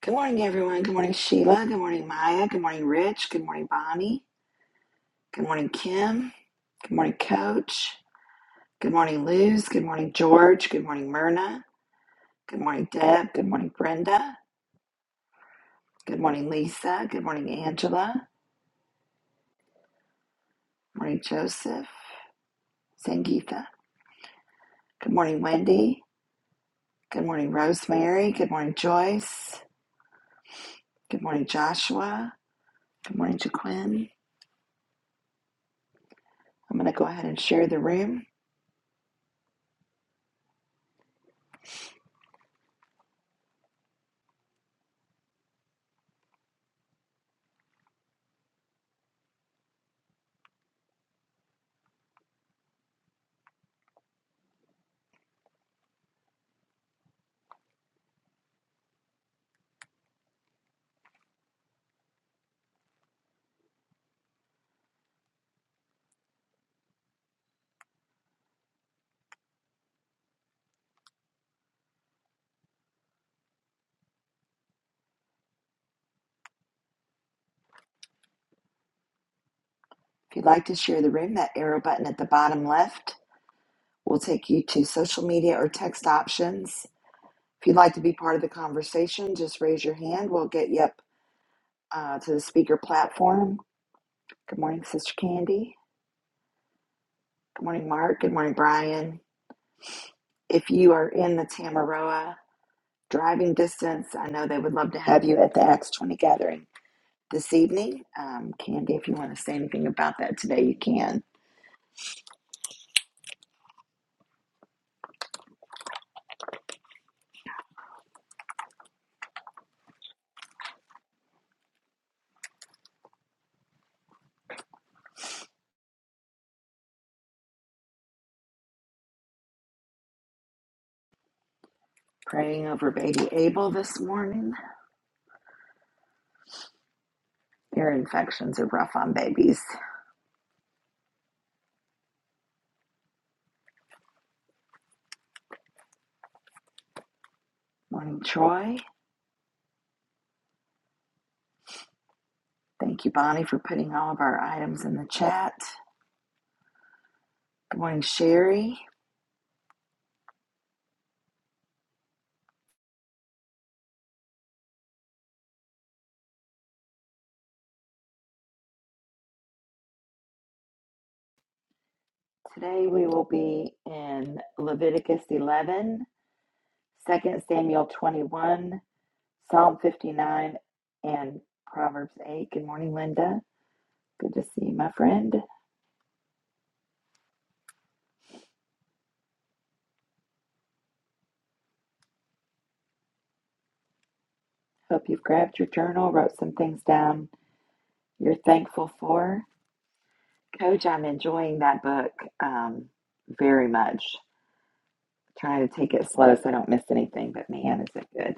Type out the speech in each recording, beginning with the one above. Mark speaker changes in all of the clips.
Speaker 1: Good morning, everyone. Good morning, Sheila. Good morning, Maya. Good morning, Rich. Good morning, Bonnie. Good morning, Kim. Good morning, Coach. Good morning, Luz. Good morning, George. Good morning, Myrna. Good morning, Deb. Good morning, Brenda. Good morning, Lisa. Good morning, Angela. Good morning, Joseph. Sangeetha. Good morning, Wendy. Good morning, Rosemary. Good morning, Joyce. Good morning, Joshua. Good morning, Jaquin. I'm going to go ahead and share the room. If you'd like to share the room, that arrow button at the bottom left We'll take you to social media or text options. If you'd like to be part of the conversation, just raise your hand. We'll get you up uh, to the speaker platform. Good morning, Sister Candy. Good morning, Mark. Good morning, Brian. If you are in the Tamaroa driving distance, I know they would love to have you at the Acts 20 gathering this evening. Um, Candy, if you want to say anything about that today, you can. Praying over baby Abel this morning. Ear infections are rough on babies. Morning, Troy. Thank you, Bonnie, for putting all of our items in the chat. Good morning, Sherry. Today we will be in Leviticus 11, Second Samuel 21, Psalm 59, and Proverbs 8. Good morning, Linda. Good to see you, my friend. Hope you've grabbed your journal, wrote some things down you're thankful for. Coach, I'm enjoying that book um, very much. Trying to take it slow so I don't miss anything, but man, is it good.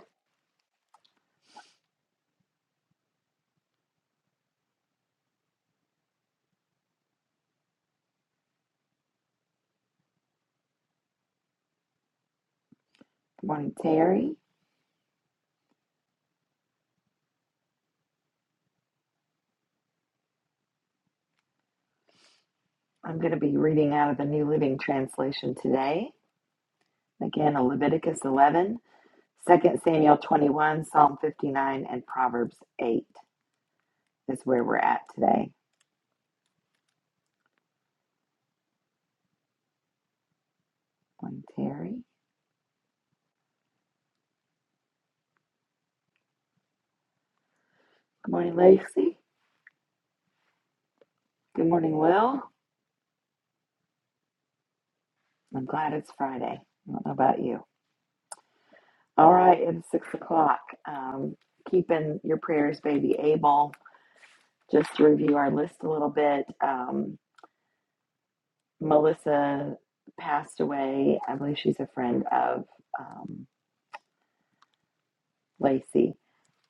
Speaker 1: Good morning, Terry. I'm going to be reading out of the New Living Translation today. Again, Leviticus 11, Second Samuel 21, Psalm 59, and Proverbs 8 is where we're at today. Good morning, Terry. Good morning, Lacey. Good morning, Will. I'm glad it's Friday. I don't know about you. All right, it's six o'clock. Um, keeping your prayers, baby Abel. Just to review our list a little bit, um, Melissa passed away. I believe she's a friend of um, Lacey,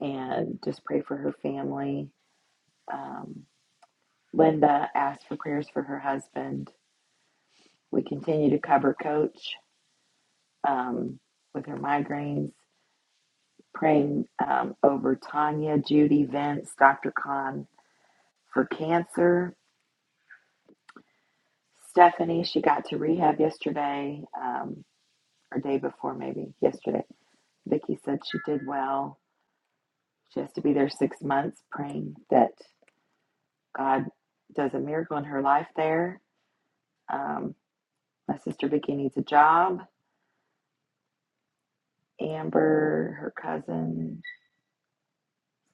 Speaker 1: and just pray for her family. Um, Linda asked for prayers for her husband. We continue to cover Coach um, with her migraines, praying um, over Tanya, Judy, Vince, Dr. Khan for cancer Stephanie, she got to rehab yesterday, um, or day before, maybe yesterday. Vicky said she did well. She has to be there six months, praying that God does a miracle in her life there. Um, my sister Vicky needs a job. Amber, her cousin,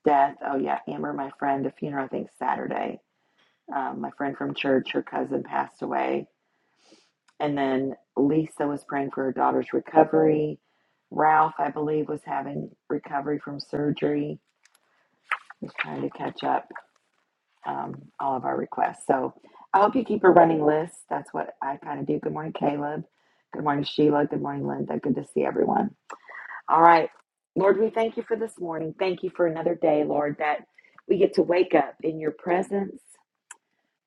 Speaker 1: death. Oh yeah, Amber, my friend, the funeral I think Saturday. Um, my friend from church, her cousin passed away. And then Lisa was praying for her daughter's recovery. Ralph, I believe, was having recovery from surgery. He's trying to catch up um, all of our requests. So I hope you keep a running list. That's what I kind of do. Good morning, Caleb. Good morning, Sheila. Good morning, Linda. Good to see everyone. All right. Lord, we thank you for this morning. Thank you for another day, Lord, that we get to wake up in your presence,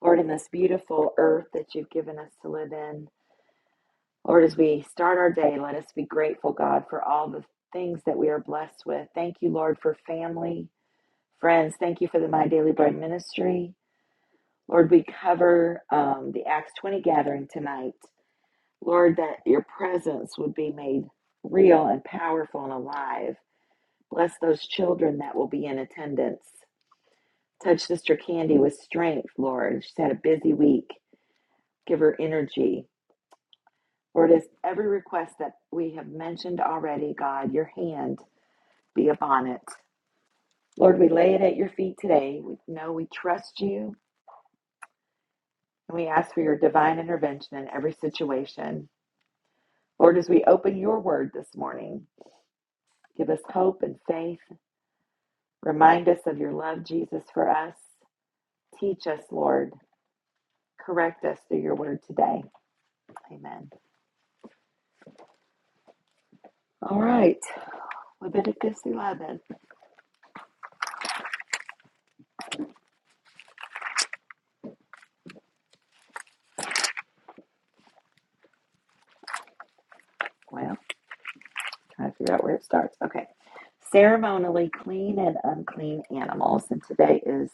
Speaker 1: Lord, in this beautiful earth that you've given us to live in. Lord, as we start our day, let us be grateful, God, for all the things that we are blessed with. Thank you, Lord, for family, friends. Thank you for the My Daily Bread ministry. Lord, we cover um, the Acts 20 gathering tonight. Lord, that your presence would be made real and powerful and alive. Bless those children that will be in attendance. Touch Sister Candy with strength, Lord. She's had a busy week. Give her energy. For it is every request that we have mentioned already, God, your hand be upon it. Lord, we lay it at your feet today. We know we trust you and we ask for your divine intervention in every situation. Lord, as we open your word this morning, give us hope and faith. Remind us of your love, Jesus, for us. Teach us, Lord. Correct us through your word today. Amen. All right, Leviticus 11. Well, Trying to figure out where it starts. Okay. Ceremonially clean and unclean animals. And today is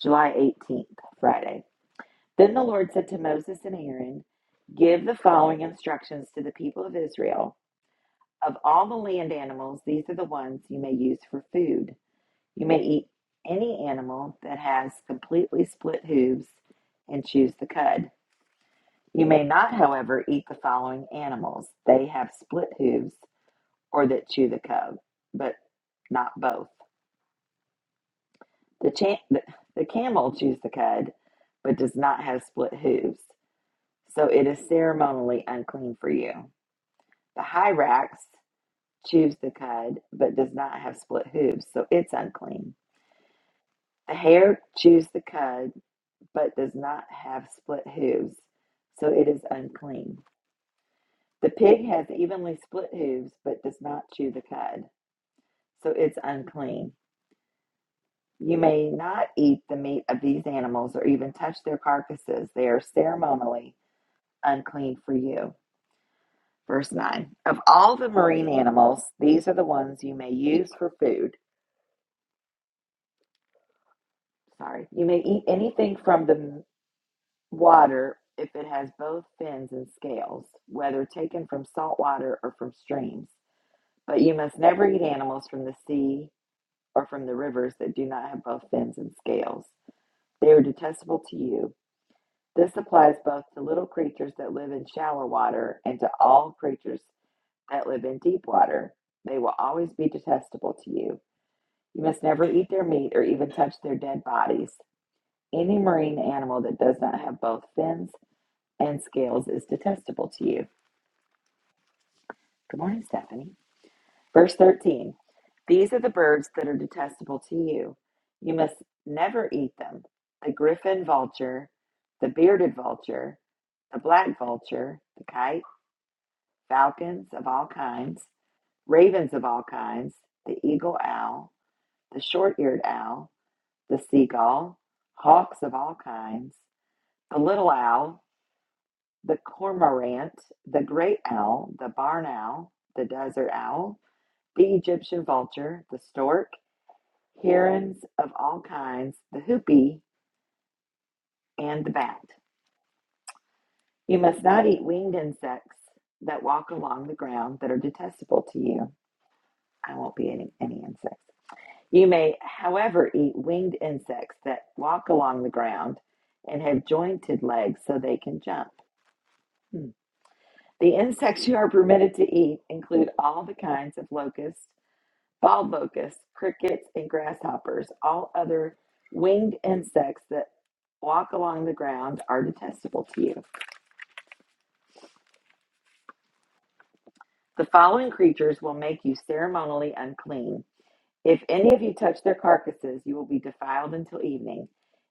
Speaker 1: July 18th, Friday. Then the Lord said to Moses and Aaron, Give the following instructions to the people of Israel. Of all the land animals, these are the ones you may use for food. You may eat any animal that has completely split hooves and choose the cud. You may not, however, eat the following animals. They have split hooves or that chew the cud, but not both. The, cha- the, the camel chews the cud, but does not have split hooves, so it is ceremonially unclean for you. The hyrax chews the cud, but does not have split hooves, so it's unclean. The hare chews the cud, but does not have split hooves, so it is unclean. The pig has evenly split hooves, but does not chew the cud, so it's unclean. You may not eat the meat of these animals or even touch their carcasses. They are ceremonially unclean for you. Verse 9 Of all the marine animals, these are the ones you may use for food. Sorry. You may eat anything from the water if it has both fins and scales, whether taken from salt water or from streams. But you must never eat animals from the sea or from the rivers that do not have both fins and scales. They are detestable to you. This applies both to little creatures that live in shallow water and to all creatures that live in deep water. They will always be detestable to you. You must never eat their meat or even touch their dead bodies. Any marine animal that does not have both fins and scales is detestable to you. Good morning, Stephanie. Verse 13 These are the birds that are detestable to you. You must never eat them the griffin vulture, the bearded vulture, the black vulture, the kite falcons of all kinds, ravens of all kinds, the eagle owl, the short eared owl, the seagull, hawks of all kinds, the little owl, the cormorant, the great owl, the barn owl, the desert owl, the Egyptian vulture, the stork, herons of all kinds, the hoopie, and the bat. You must not eat winged insects that walk along the ground that are detestable to you. I won't be any, any insects. You may, however, eat winged insects that walk along the ground and have jointed legs so they can jump. Hmm. The insects you are permitted to eat include all the kinds of locusts, bald locusts, crickets, and grasshoppers. All other winged insects that walk along the ground are detestable to you. The following creatures will make you ceremonially unclean If any of you touch their carcasses, you will be defiled until evening.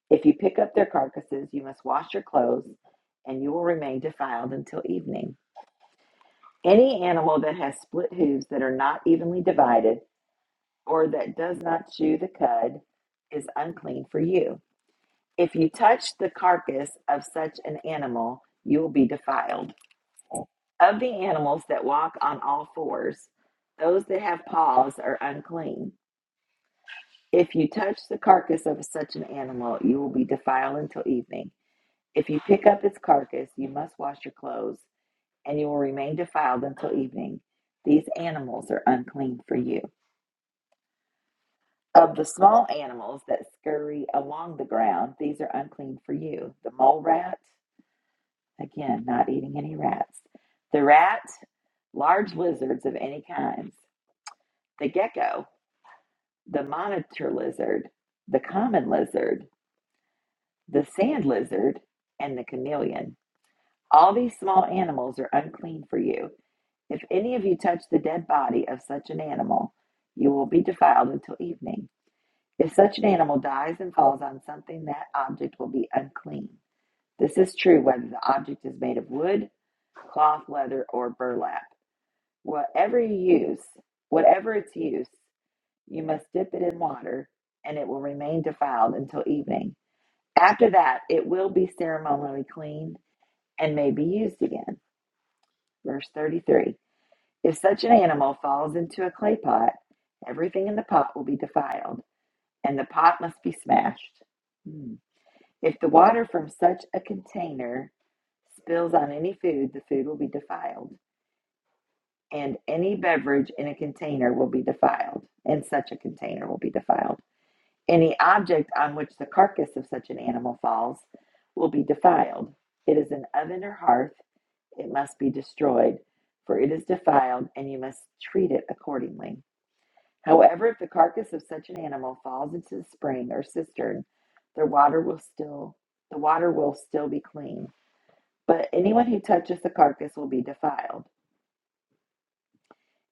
Speaker 1: If you pick up their carcasses, you must wash your clothes, and you will remain defiled until evening. Any animal that has split hooves that are not evenly divided, or that does not chew the cud, is unclean for you. If you touch the carcass of such an animal, you will be defiled. Of the animals that walk on all fours, those that have paws are unclean If you touch the carcass of such an animal, you will be defiled until evening. If you pick up its carcass, you must wash your clothes, and you will remain defiled until evening. These animals are unclean for you. Of the small animals that scurry along the ground, these are unclean for you. The mole rat, again, not eating any rats. The rat, large lizards of any kinds. The gecko, the monitor lizard, the common lizard the sand lizard, and the chameleon. All these small animals are unclean for you. If any of you touch the dead body of such an animal, you will be defiled until evening. If such an animal dies and falls on something, that object will be unclean. This is true whether the object is made of wood, cloth, leather, or burlap. Whatever you use, whatever its use, you must dip it in water, and it will remain defiled until evening. After that, it will be ceremonially clean and may be used again. Verse 33 If such an animal falls into a clay pot, everything in the pot will be defiled, and the pot must be smashed. Hmm. If the water from such a container spills on any food, the food will be defiled, and any beverage in a container will be defiled, and such a container will be defiled. Any object on which the carcass of such an animal falls will be defiled. It is an oven or hearth It must be destroyed, for it is defiled, and you must treat it accordingly. However, if the carcass of such an animal falls into the spring or cistern, the water will still the water will still be clean. But anyone who touches the carcass will be defiled.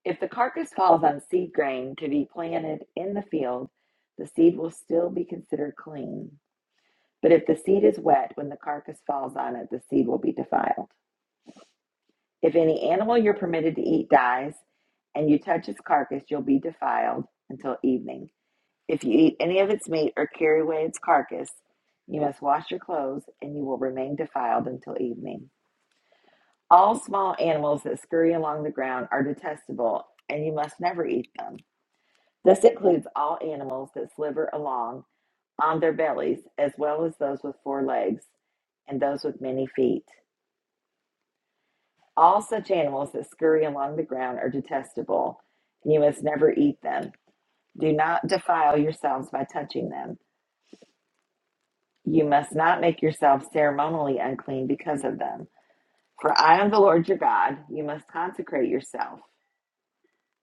Speaker 1: If the carcass falls on seed grain to be planted in the field, the seed will still be considered clean. But if the seed is wet when the carcass falls on it, the seed will be defiled. If any animal you're permitted to eat dies and you touch its carcass, you'll be defiled until evening. If you eat any of its meat or carry away its carcass, you must wash your clothes and you will remain defiled until evening. All small animals that scurry along the ground are detestable and you must never eat them. This includes all animals that slither along on their bellies, as well as those with four legs and those with many feet. All such animals that scurry along the ground are detestable, you must never eat them. Do not defile yourselves by touching them. You must not make yourselves ceremonially unclean because of them. For I am the Lord your God. You must consecrate yourself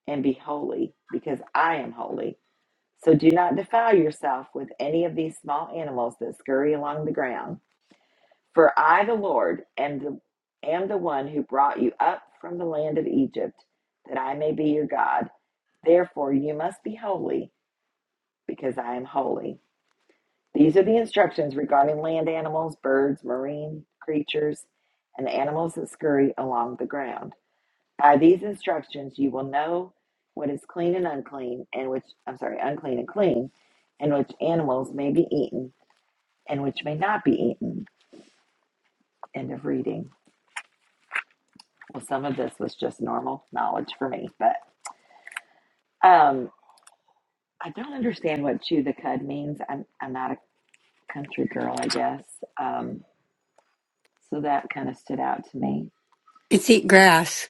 Speaker 1: and be holy, because I am holy. So do not defile yourself with any of these small animals that scurry along the ground. For I, the Lord, am the, am the one who brought you up from the land of Egypt, that I may be your God. Therefore, you must be holy, because I am holy. These are the instructions regarding land animals, birds, marine creatures, and the animals that scurry along the ground. By these instructions, you will know what is clean and unclean, and which, I'm sorry, unclean and clean, and which animals may be eaten, and which may not be eaten. End of reading. Well, some of this was just normal knowledge for me, but um, I don't understand what chew the cud means. I'm I'm not a country girl, I guess. Um, so that kind of stood out to me.
Speaker 2: It's eat grass.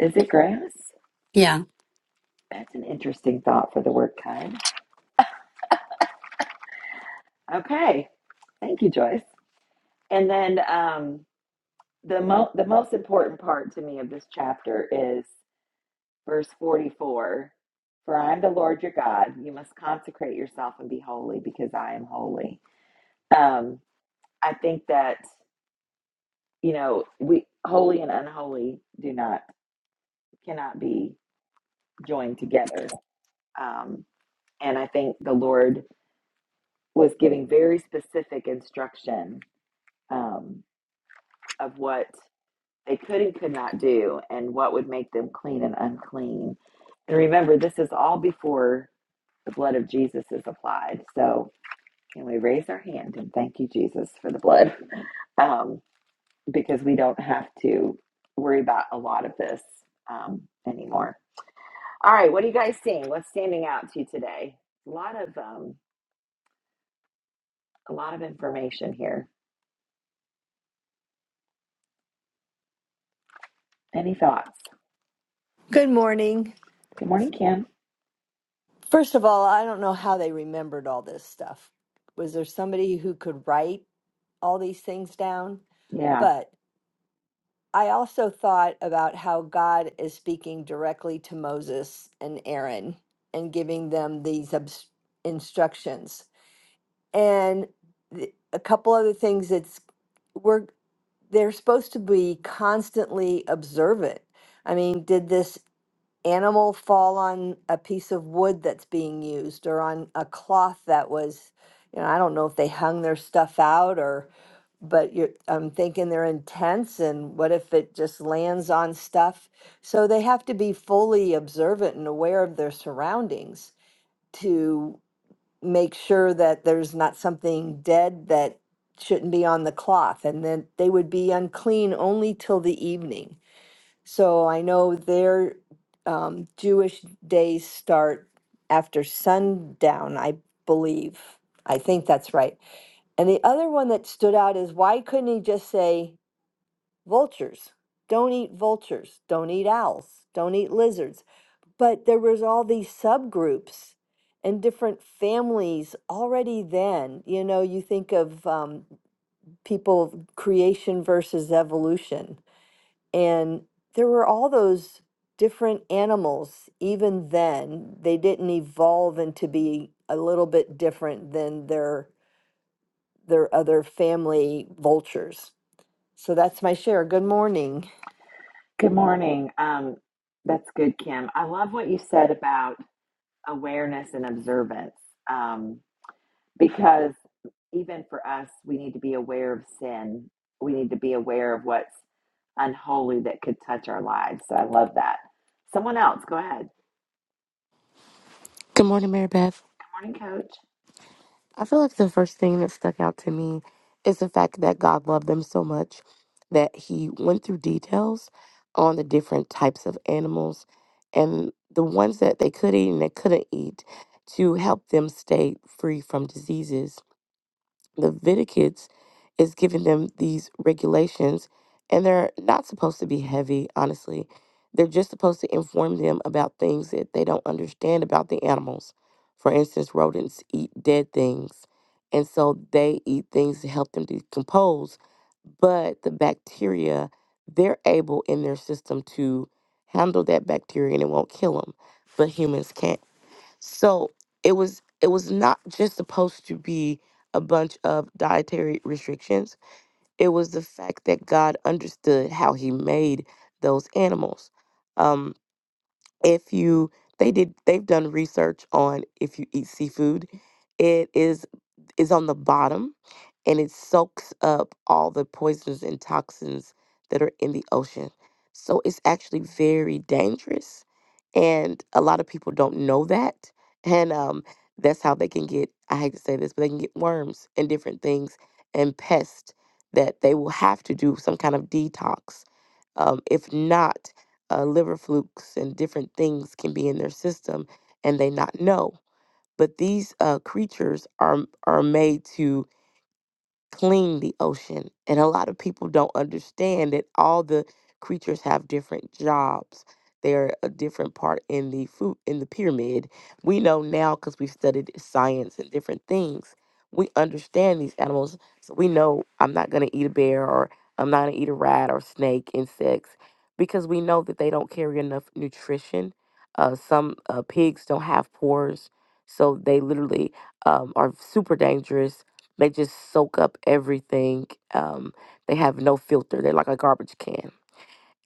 Speaker 1: Is it grass?
Speaker 2: Yeah.
Speaker 1: That's an interesting thought for the word cud. Okay, thank you, Joyce. And then um, the mo- the most important part to me of this chapter is verse forty four. For I am the Lord your God. You must consecrate yourself and be holy, because I am holy. Um, I think that you know we holy and unholy do not cannot be joined together. Um, and I think the Lord was giving very specific instruction um, of what they could and could not do, and what would make them clean and unclean. And remember, this is all before the blood of Jesus is applied. So can we raise our hand and thank you, Jesus, for the blood? Um, because we don't have to worry about a lot of this um, anymore. All right, what are you guys seeing? What's standing out to you today? A lot of um, a lot of information here. Any thoughts?
Speaker 3: Good morning.
Speaker 1: Good morning, Kim.
Speaker 3: First of all, I don't know how they remembered all this stuff. Was there somebody who could write all these things down?
Speaker 1: Yeah.
Speaker 3: But I also thought about how God is speaking directly to Moses and Aaron and giving them these obs- instructions. And th- a couple other things that's we're they're supposed to be constantly observant. I mean, did this animal fall on a piece of wood that's being used or on a cloth that was you know i don't know if they hung their stuff out or but you're i'm thinking they're in tents and what if it just lands on stuff so they have to be fully observant and aware of their surroundings to make sure that there's not something dead that shouldn't be on the cloth and then they would be unclean only till the evening so I know their um, Jewish days start after sundown, I believe. I think that's right. And the other one that stood out is why couldn't he just say vultures? Don't eat vultures. Don't eat owls. Don't eat lizards. But there was all these subgroups and different families already then. You know, you think of um, people creation versus evolution and there were all those different animals even then. They didn't evolve into be a little bit different than their their other family vultures. So that's my share. Good morning.
Speaker 1: Good morning. Um, that's good, Kim. I love what you said about awareness and observance. Um, because even for us, we need to be aware of sin. We need to be aware of what's unholy that could touch our lives. So I love that. Someone else, go ahead.
Speaker 4: Good morning, Mary Beth.
Speaker 1: Morning, coach.
Speaker 4: I feel like the first thing that stuck out to me is the fact that God loved them so much that He went through details on the different types of animals and the ones that they could eat and they couldn't eat to help them stay free from diseases Leviticus is giving them these regulations, and they're not supposed to be heavy, honestly. They're just supposed to inform them about things that they don't understand about the animals. For instance, rodents eat dead things, and so they eat things to help them decompose. But the bacteria, they're able in their system to handle that bacteria and it won't kill them, but humans can't. So it was it was not just supposed to be a bunch of dietary restrictions. It was the fact that God understood how He made those animals. Um, if you they did they've done research on if you eat seafood it is is on the bottom and it soaks up all the poisons and toxins that are in the ocean so it's actually very dangerous and a lot of people don't know that and um that's how they can get i hate to say this but they can get worms and different things and pests that they will have to do some kind of detox um, if not uh, liver flukes and different things can be in their system and they not know. But these uh, creatures are are made to clean the ocean. And a lot of people don't understand that all the creatures have different jobs. They're a different part in the food in the pyramid. We know now because we've studied science and different things. We understand these animals, so we know I'm not gonna eat a bear or I'm not gonna eat a rat or snake, insects, because we know that they don't carry enough nutrition. Uh, some uh, pigs don't have pores, so they literally um, are super dangerous they just soak up everything. Um, they have no filter. They're like a garbage can.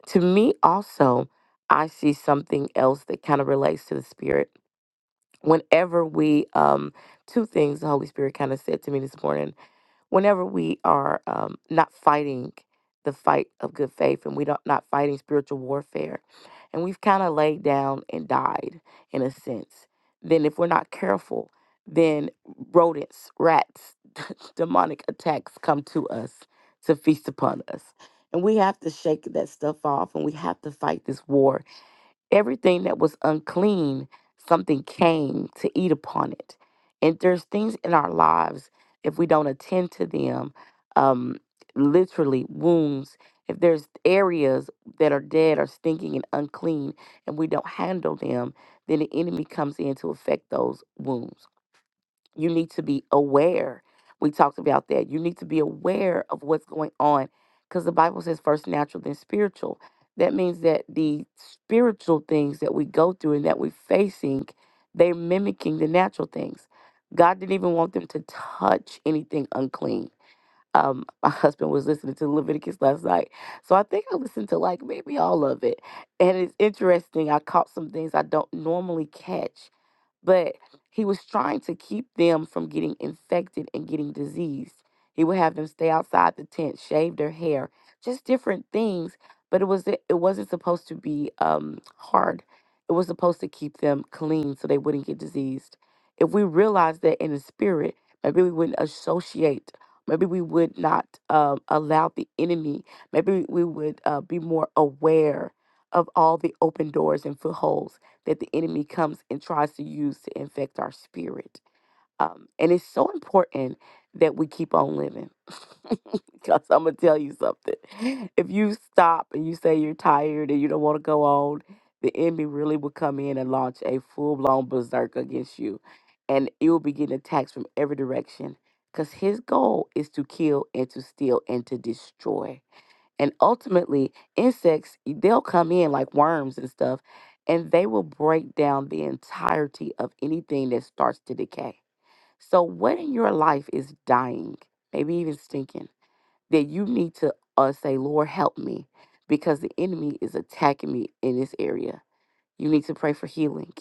Speaker 4: To me, also, I see something else that kind of relates to the Spirit. Whenever we, um, two things the Holy Spirit kind of said to me this morning whenever we are um, not fighting the fight of good faith and we don't not fighting spiritual warfare and we've kind of laid down and died in a sense then if we're not careful then rodents rats demonic attacks come to us to feast upon us and we have to shake that stuff off and we have to fight this war everything that was unclean, something came to eat upon it. And there's things in our lives, if we don't attend to them, um, literally wounds, if there's areas that are dead or stinking and unclean, and we don't handle them, then the enemy comes in to affect those wounds you need to be aware. We talked about that. You need to be aware of what's going on because the Bible says first natural, then spiritual. That means that the spiritual things that we go through and that we're facing, they're mimicking the natural things. God didn't even want them to touch anything unclean. Um, my husband was listening to Leviticus last night. So I think I listened to like maybe all of it. And it's interesting. I caught some things I don't normally catch but he was trying to keep them from getting infected and getting diseased. He would have them stay outside the tent, shave their hair, just different things. But it was it wasn't supposed to be um, hard. It was supposed to keep them clean so they wouldn't get diseased. If we realized that in the spirit, maybe we wouldn't associate. Maybe we would not um, allow the enemy. Maybe we would uh, be more aware of all the open doors and footholds that the enemy comes and tries to use to infect our spirit. Um, and it's so important that we keep on living. Because I'm going to tell you something. If you stop and you say you're tired and you don't want to go on, the enemy really will come in and launch a full blown berserk against you. And you'll be getting attacks from every direction. Because his goal is to kill and to steal and to destroy. And ultimately, insects, they'll come in like worms and stuff, and they will break down the entirety of anything that starts to decay. So, what in your life is dying, maybe even stinking, that you need to uh, say, Lord, help me, because the enemy is attacking me in this area? You need to pray for healing.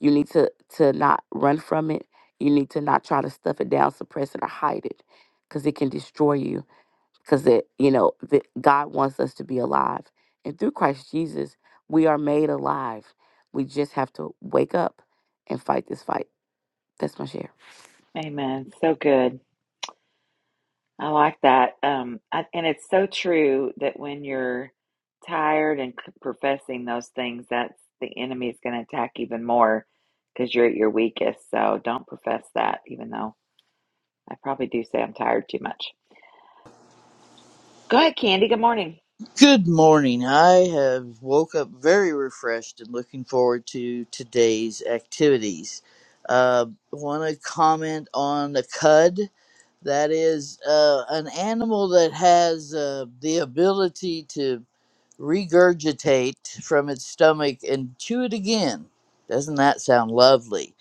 Speaker 4: You need to, to not run from it. You need to not try to stuff it down, suppress it, or hide it, because it can destroy you because it you know that god wants us to be alive and through christ jesus we are made alive we just have to wake up and fight this fight that's my share
Speaker 1: Amen. So good. I like that. Um, I, and it's so true that when you're tired and c- professing those things, that's the enemy is going to attack even more because you're at your weakest. So don't profess that, even though I probably do say I'm tired too much. Go ahead, Candy. Good morning.
Speaker 5: Good morning. I have woke up very refreshed and looking forward to today's activities. Uh, Want to comment on the cud? That is uh, an animal that has uh, the ability to regurgitate from its stomach and chew it again. Doesn't that sound lovely?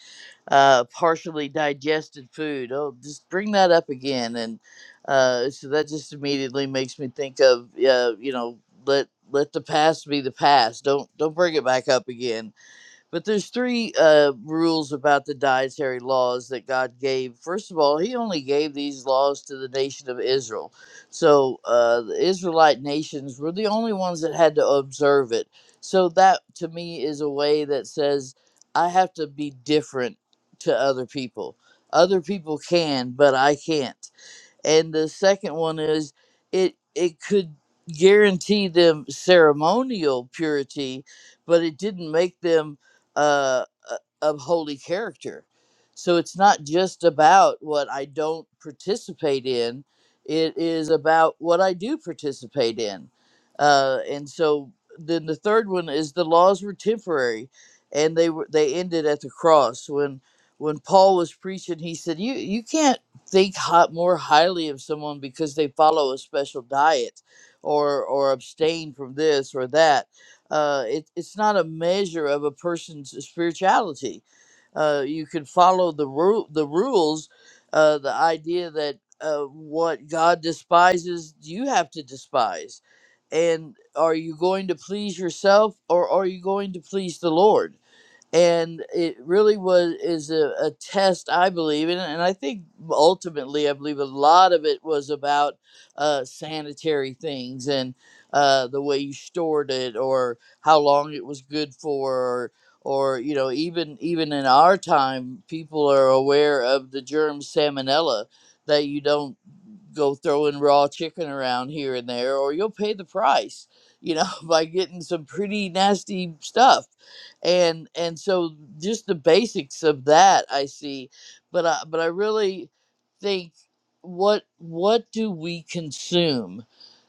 Speaker 5: uh, partially digested food. Oh, just bring that up again, and uh, so that just immediately makes me think of uh, you know let let the past be the past. Don't don't bring it back up again but there's three uh, rules about the dietary laws that God gave. First of all, He only gave these laws to the nation of Israel. So uh, the Israelite nations were the only ones that had to observe it. So that to me is a way that says I have to be different to other people. Other people can, but I can't and the second one is it it could guarantee them ceremonial purity but it didn't make them uh, a- of holy character so it's not just about what i don't participate in it is about what i do participate in uh, and so then the third one is the laws were temporary and they were they ended at the cross when when paul was preaching he said you you can't think hot, more highly of someone because they follow a special diet or or abstain from this or that. Uh, it, it's not a measure of a person's spirituality. Uh, you can follow the ru- the rules, uh, the idea that uh, what God despises, you have to despise. And are you going to please yourself or are you going to please the Lord? and it really was is a, a test i believe and, and i think ultimately i believe a lot of it was about uh, sanitary things and uh, the way you stored it or how long it was good for or, or you know even even in our time people are aware of the germ salmonella that you don't go throwing raw chicken around here and there, or you'll pay the price, you know, by getting some pretty nasty stuff. And and so just the basics of that I see, but I, but I really think what what do we consume?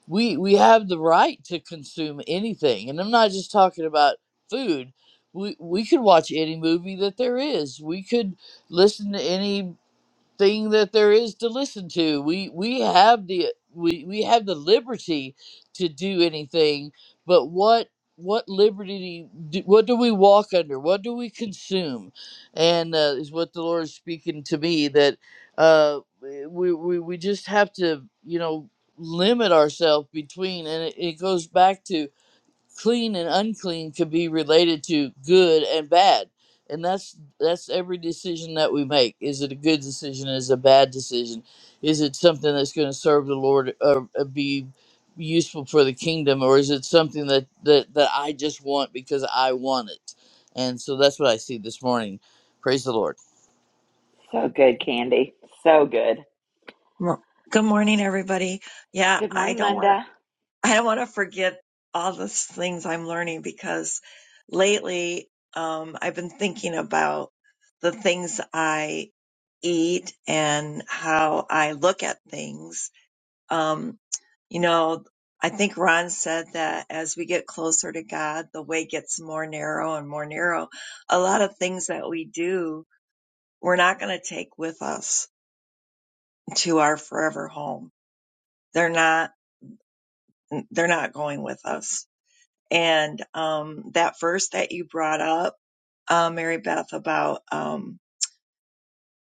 Speaker 5: We we have the right to consume anything, and I'm not just talking about food. We, we could watch any movie that there is. We could listen to any thing that there is to listen to. We we have the we, we have the liberty to do anything, but what what liberty do, what do we walk under? What do we consume? And uh, is what the Lord is speaking to me that uh, we, we we just have to you know limit ourselves between, and it, it goes back to clean and unclean could be related to good and bad and that's that's every decision that we make is it a good decision is it a bad decision is it something that's going to serve the lord or uh, be useful for the kingdom or is it something that, that that i just want because i want it and so that's what i see this morning praise the lord
Speaker 1: So good, Candy. So good.
Speaker 6: Well, good morning, everybody. Yeah,
Speaker 1: Good
Speaker 6: I
Speaker 1: morning,
Speaker 6: don't want
Speaker 1: Linda.
Speaker 6: to, I don't want to forget all the things I'm learning because lately um, I've been thinking about the things I eat and how I look at things. Um, you know, I think Ron said that as we get closer to God, the way gets more narrow and more narrow. A lot of things that we do, we're not going to take with us to our forever home. They're not they're not going with us. And um, that verse that you brought up, uh, Mary Beth, about um,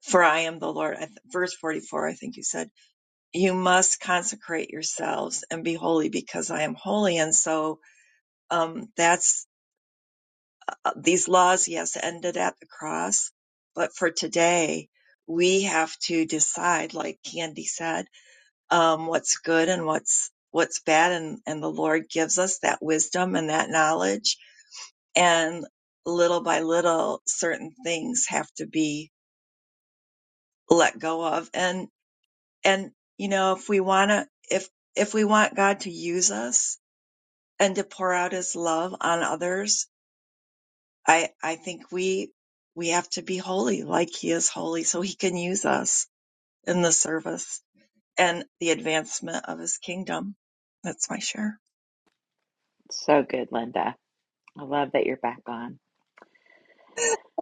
Speaker 6: for I am the Lord, I th- verse 44, I think you said, you must consecrate yourselves and be holy because I am holy. And so um, that's uh, these laws, yes, ended at the cross. But for today, we have to decide, like Candy said, um, what's good and what's what's bad and, and the Lord gives us that wisdom and that knowledge and little by little certain things have to be let go of and and you know if we want to if if we want god to use us and to pour out his love on others i i think we we have to be holy like he is holy so he can use us in the service and the advancement of his kingdom that's my share
Speaker 1: So good, Linda. I love that you're back on.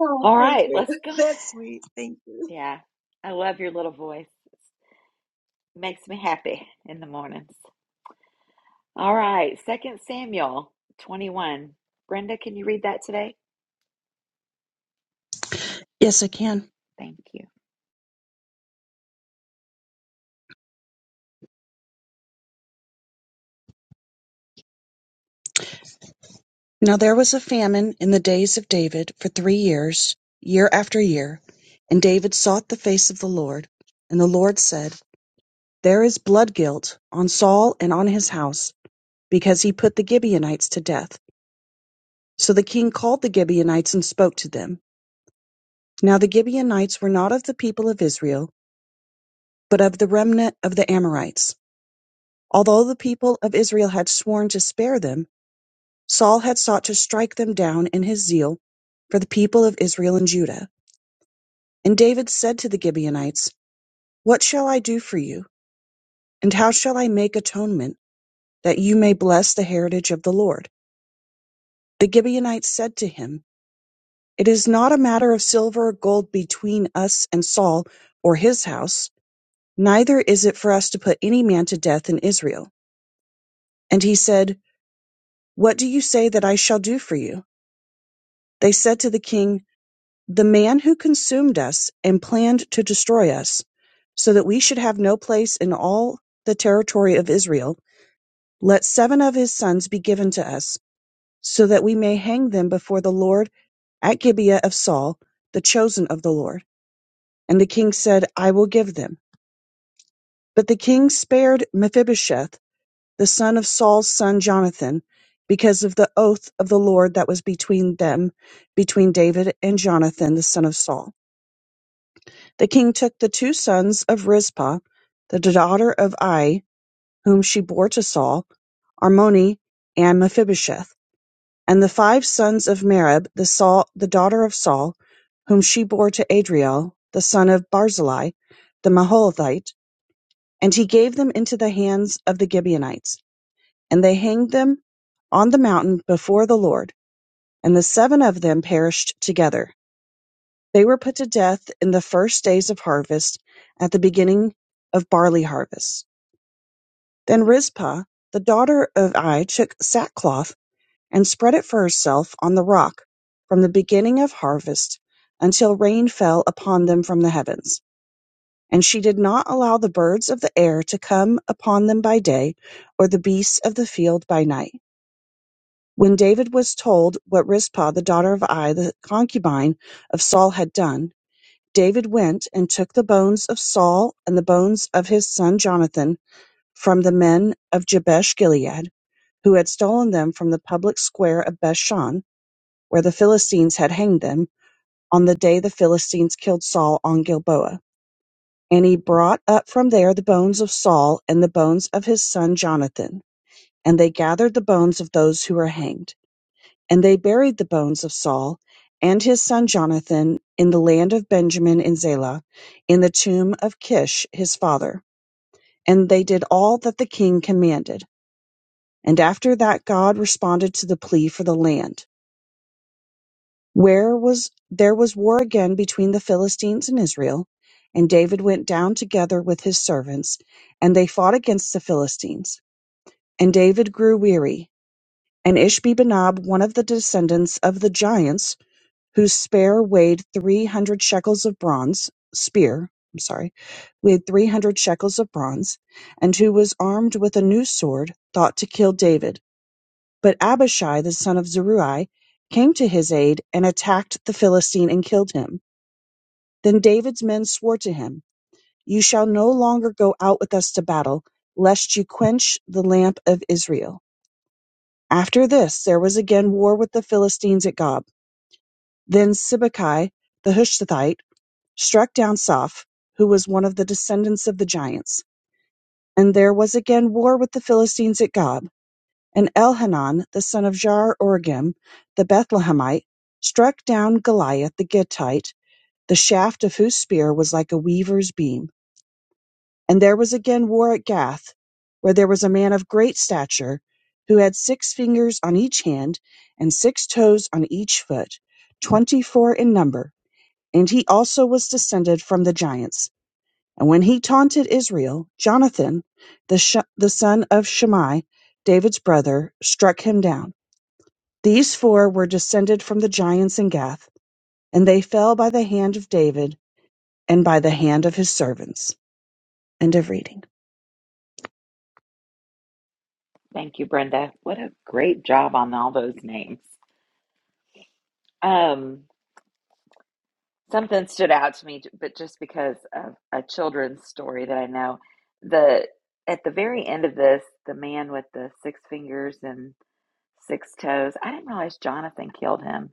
Speaker 6: oh
Speaker 1: All
Speaker 6: thank
Speaker 1: right,
Speaker 6: you
Speaker 1: let's go.
Speaker 6: that's sweet thank you
Speaker 1: Yeah, I love your little voice. makes me happy in the mornings. All right, Second Samuel 21. Brenda, can you read that today?
Speaker 7: Yes, I can.
Speaker 1: Thank you.
Speaker 7: Now there was a famine in the days of David for three years, year after year, and David sought the face of the Lord. And the Lord said, There is blood guilt on Saul and on his house, because he put the Gibeonites to death. So the king called the Gibeonites and spoke to them. Now the Gibeonites were not of the people of Israel, but of the remnant of the Amorites. Although the people of Israel had sworn to spare them, Saul had sought to strike them down in his zeal for the people of Israel and Judah. And David said to the Gibeonites, What shall I do for you? And how shall I make atonement that you may bless the heritage of the Lord? The Gibeonites said to him, It is not a matter of silver or gold between us and Saul or his house, neither is it for us to put any man to death in Israel. And he said, What do you say that I shall do for you? They said to the king, the man who consumed us and planned to destroy us, so that we should have no place in all the territory of Israel, let seven of his sons be given to us, so that we may hang them before the Lord at Gibeah of Saul, the chosen of the Lord. And the king said, I will give them. But the king spared Mephibosheth, the son of Saul's son Jonathan, because of the oath of the Lord that was between them, between David and Jonathan, the son of Saul. The king took the two sons of Rizpah, the daughter of Ai, whom she bore to Saul, Armoni and Mephibosheth, and the five sons of Merib, the, Saul, the daughter of Saul, whom she bore to Adriel, the son of Barzillai, the Maholathite, and he gave them into the hands of the Gibeonites, and they hanged them on the mountain before the Lord, and the seven of them perished together. They were put to death in the first days of harvest, at the beginning of barley harvest. Then Rizpah the daughter of Ai took sackcloth and spread it for herself on the rock, from the beginning of harvest until rain fell upon them from the heavens. And she did not allow the birds of the air to come upon them by day, or the beasts of the field by night. When David was told what Rizpah the daughter of Ai, the concubine of Saul, had done, David went and took the bones of Saul and the bones of his son Jonathan from the men of Jabesh-Gilead, who had stolen them from the public square of Bethshan, where the Philistines had hanged them, on the day the Philistines killed Saul on Gilboa. And he brought up from there the bones of Saul and the bones of his son Jonathan. And they gathered the bones of those who were hanged. And they buried the bones of Saul and his son Jonathan in the land of Benjamin in Zelah, in the tomb of Kish his father. And they did all that the king commanded. And after that God responded to the plea for the land. Where was there was war again between the Philistines and Israel, and David went down together with his servants, and they fought against the Philistines. And David grew weary, and Ishbi-benob, one of the descendants of the giants, whose spear weighed three hundred shekels of bronze spear, I'm sorry, weighed three hundred shekels of bronze, and who was armed with a new sword thought to kill David. But Abishai the son of Zeruiah came to his aid and attacked the Philistine and killed him. Then David's men swore to him, You shall no longer go out with us to battle, lest you quench the lamp of Israel. After this there was again war with the Philistines at Gob. Then Sibbecai the Hushathite struck down Soph, who was one of the descendants of the giants. And there was again war with the Philistines at Gob. And Elhanan, the son of Jair Oregim, the Bethlehemite, struck down Goliath the Gittite, the shaft of whose spear was like a weaver's beam. And there was again war at Gath, where there was a man of great stature, who had six fingers on each hand, and six toes on each foot, twenty four in number. And he also was descended from the giants. And when he taunted Israel, Jonathan, the, Sh- the son of Shimei, David's brother, struck him down. These four were descended from the giants in Gath, and they fell by the hand of David and by the hand of his servants. End of reading.
Speaker 1: Thank you, Brenda. What a great job on all those names. Um. Something stood out to me, j- but just because of a children's story that I know, the at the very end of this, the man with the six fingers and six toes, I didn't realize Jonathan killed him.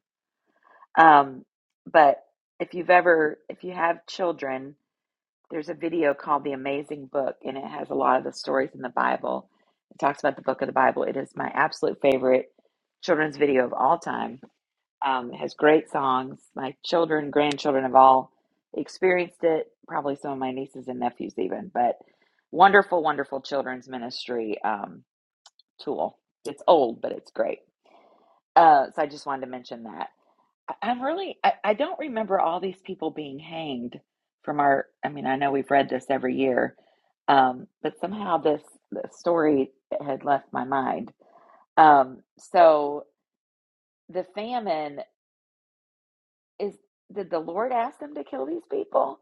Speaker 1: Um, but if you've ever, if you have children, there's a video called The Amazing Book, and it has a lot of the stories in the Bible. It talks about the book of the Bible. It is my absolute favorite children's video of all time um, it has great songs. My children, grandchildren have all experienced it, probably some of my nieces and nephews, even. But wonderful, wonderful children's ministry um, tool. It's old, but it's great. Uh, so I just wanted to mention that. I, I'm really, I, I don't remember all these people being hanged from our, I mean, I know we've read this every year, um, but somehow this, this story had left my mind. Um, so the famine is did the Lord ask them to kill these people?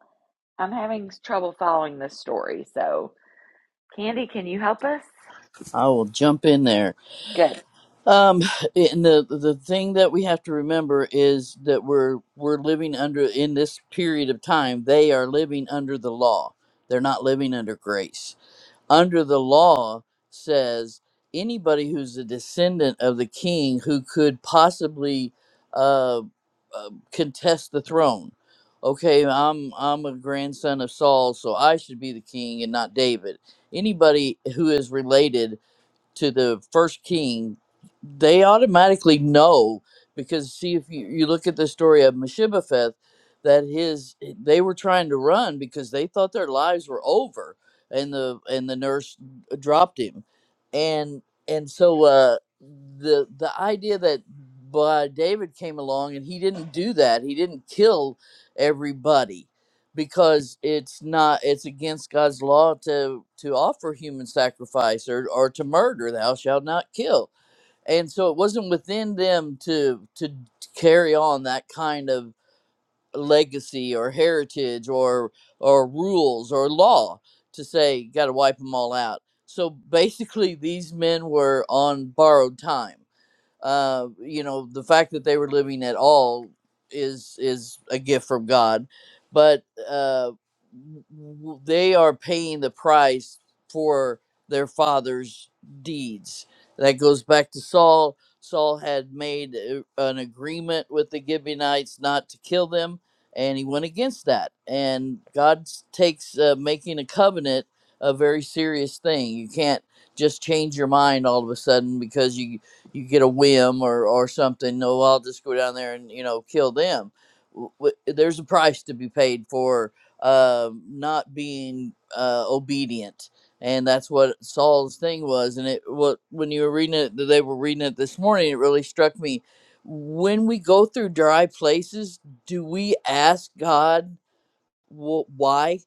Speaker 1: I'm having trouble following this story. So, Candy, can you help us?
Speaker 5: i will jump in there
Speaker 1: Good.
Speaker 5: Um, and the the thing that we have to remember is that we're we're living under in this period of time. They are living under the law. They're not living under grace. Under the law says anybody who's a descendant of the king who could possibly uh, uh, contest the throne. Okay, I'm I'm a grandson of Saul, so I should be the king and not David. Anybody who is related to the first king, they automatically know because see if you, you look at the story of Meshibapheth, that his they were trying to run because they thought their lives were over, and the and the nurse dropped him, and and so uh, the the idea that by David came along and he didn't do that. He didn't kill everybody because it's not it's against God's law to to offer human sacrifice or or to murder thou shalt not kill and so it wasn't within them to to carry on that kind of legacy or heritage or or rules or law to say got to wipe them all out so basically these men were on borrowed time uh, you know the fact that they were living at all is is a gift from god but uh, w- w- they are paying the price for their father's deeds that goes back to saul saul had made uh, an agreement with the gibeonites not to kill them and he went against that and god s- takes uh, making a covenant a very serious thing you can't just change your mind all of a sudden because you you get a whim or or something. No, I'll just go down there and you know kill them. W- w- There's a price to be paid for uh, not being uh, obedient, and that's what Saul's thing was. And it what when you were reading it, they were reading it this morning. It really struck me. When we go through dry places, do we ask God? wh- why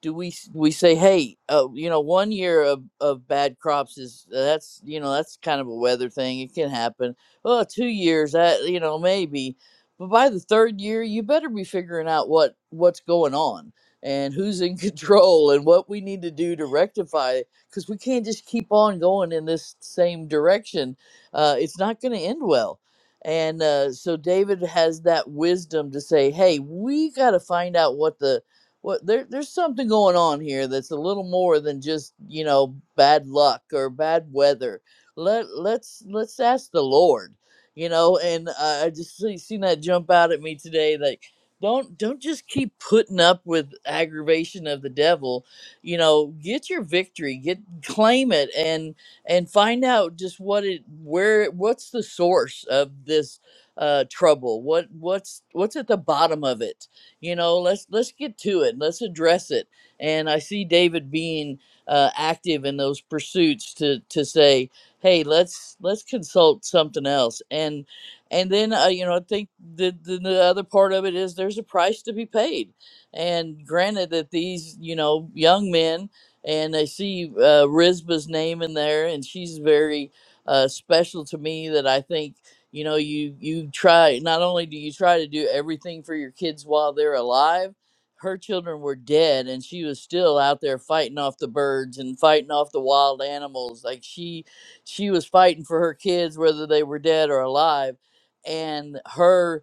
Speaker 5: do we s- we say hey uh, you know one year of, of bad crops is uh, that's you know that's kind of a weather thing it can happen well two years that you know maybe but by the third year you better be figuring out what what's going on and who's in control and what we need to do to rectify it because we can't just keep on going in this same direction uh, it's not going to end well and uh, so david has that wisdom to say hey we got to find out what the well there, there's something going on here that's a little more than just you know bad luck or bad weather let let's let's ask the lord you know and i I just see, seen that jump out at me today like don't don't just keep putting up with aggravation of the devil you know get your victory get claim it and and find out just what it where what's the source of this uh trouble what what's what's at the bottom of it you know, let's let's get to it. Let's address it. And I see David being uh, active in those pursuits to to say, hey, let's let's consult something else. And and then uh, you know, I think the, the the other part of it is there's a price to be paid. And granted that these you know young men and I see uh, Rizba's name in there, and she's very uh, special to me that I think you know you you try not only do you try to do everything for your kids while they're alive her children were dead and she was still out there fighting off the birds and fighting off the wild animals like she she was fighting for her kids whether they were dead or alive and her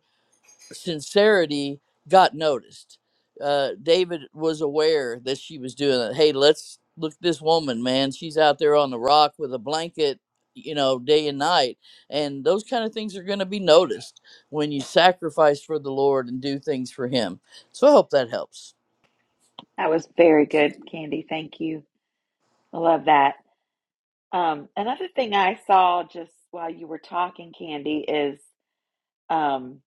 Speaker 5: sincerity got noticed. Uh, David was aware that she was doing it. Hey, let's look at this woman, man. She's out there on the rock with a blanket, you know, day and night. And those kind of things are going to be noticed when you sacrifice for the Lord and do things for Him. So I hope that helps.
Speaker 1: That was very good, Candy. Thank you. I love that. Um, another thing I saw just while you were talking, Candy, is um,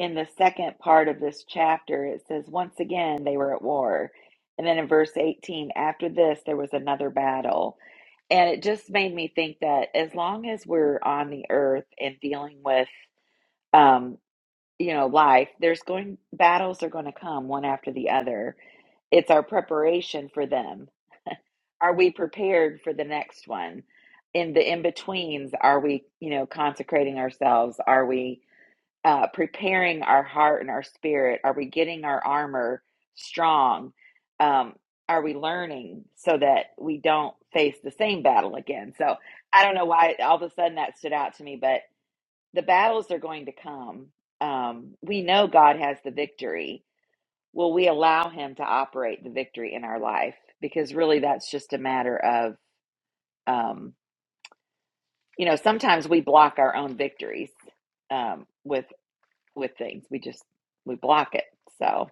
Speaker 1: in the second part of this chapter, it says, Once again, they were at war. And then in verse 18, after this, there was another battle. And it just made me think that as long as we're on the earth and dealing with um, you know, life, there's going battles are going to come one after the other. It's our preparation for them. Are we prepared for the next one? In the in betweens, are we, you know, consecrating ourselves? Are we uh, preparing our heart and our spirit? Are we getting our armor strong? Um, are we learning so that we don't face the same battle again? So I don't know why all of a sudden that stood out to me, but the battles are going to come. Um, we know God has the victory. Will we allow Him to operate the victory in our life? Because really, that's just a matter of, um, you know, sometimes we block our own victories um, with with things. We just we block it. So,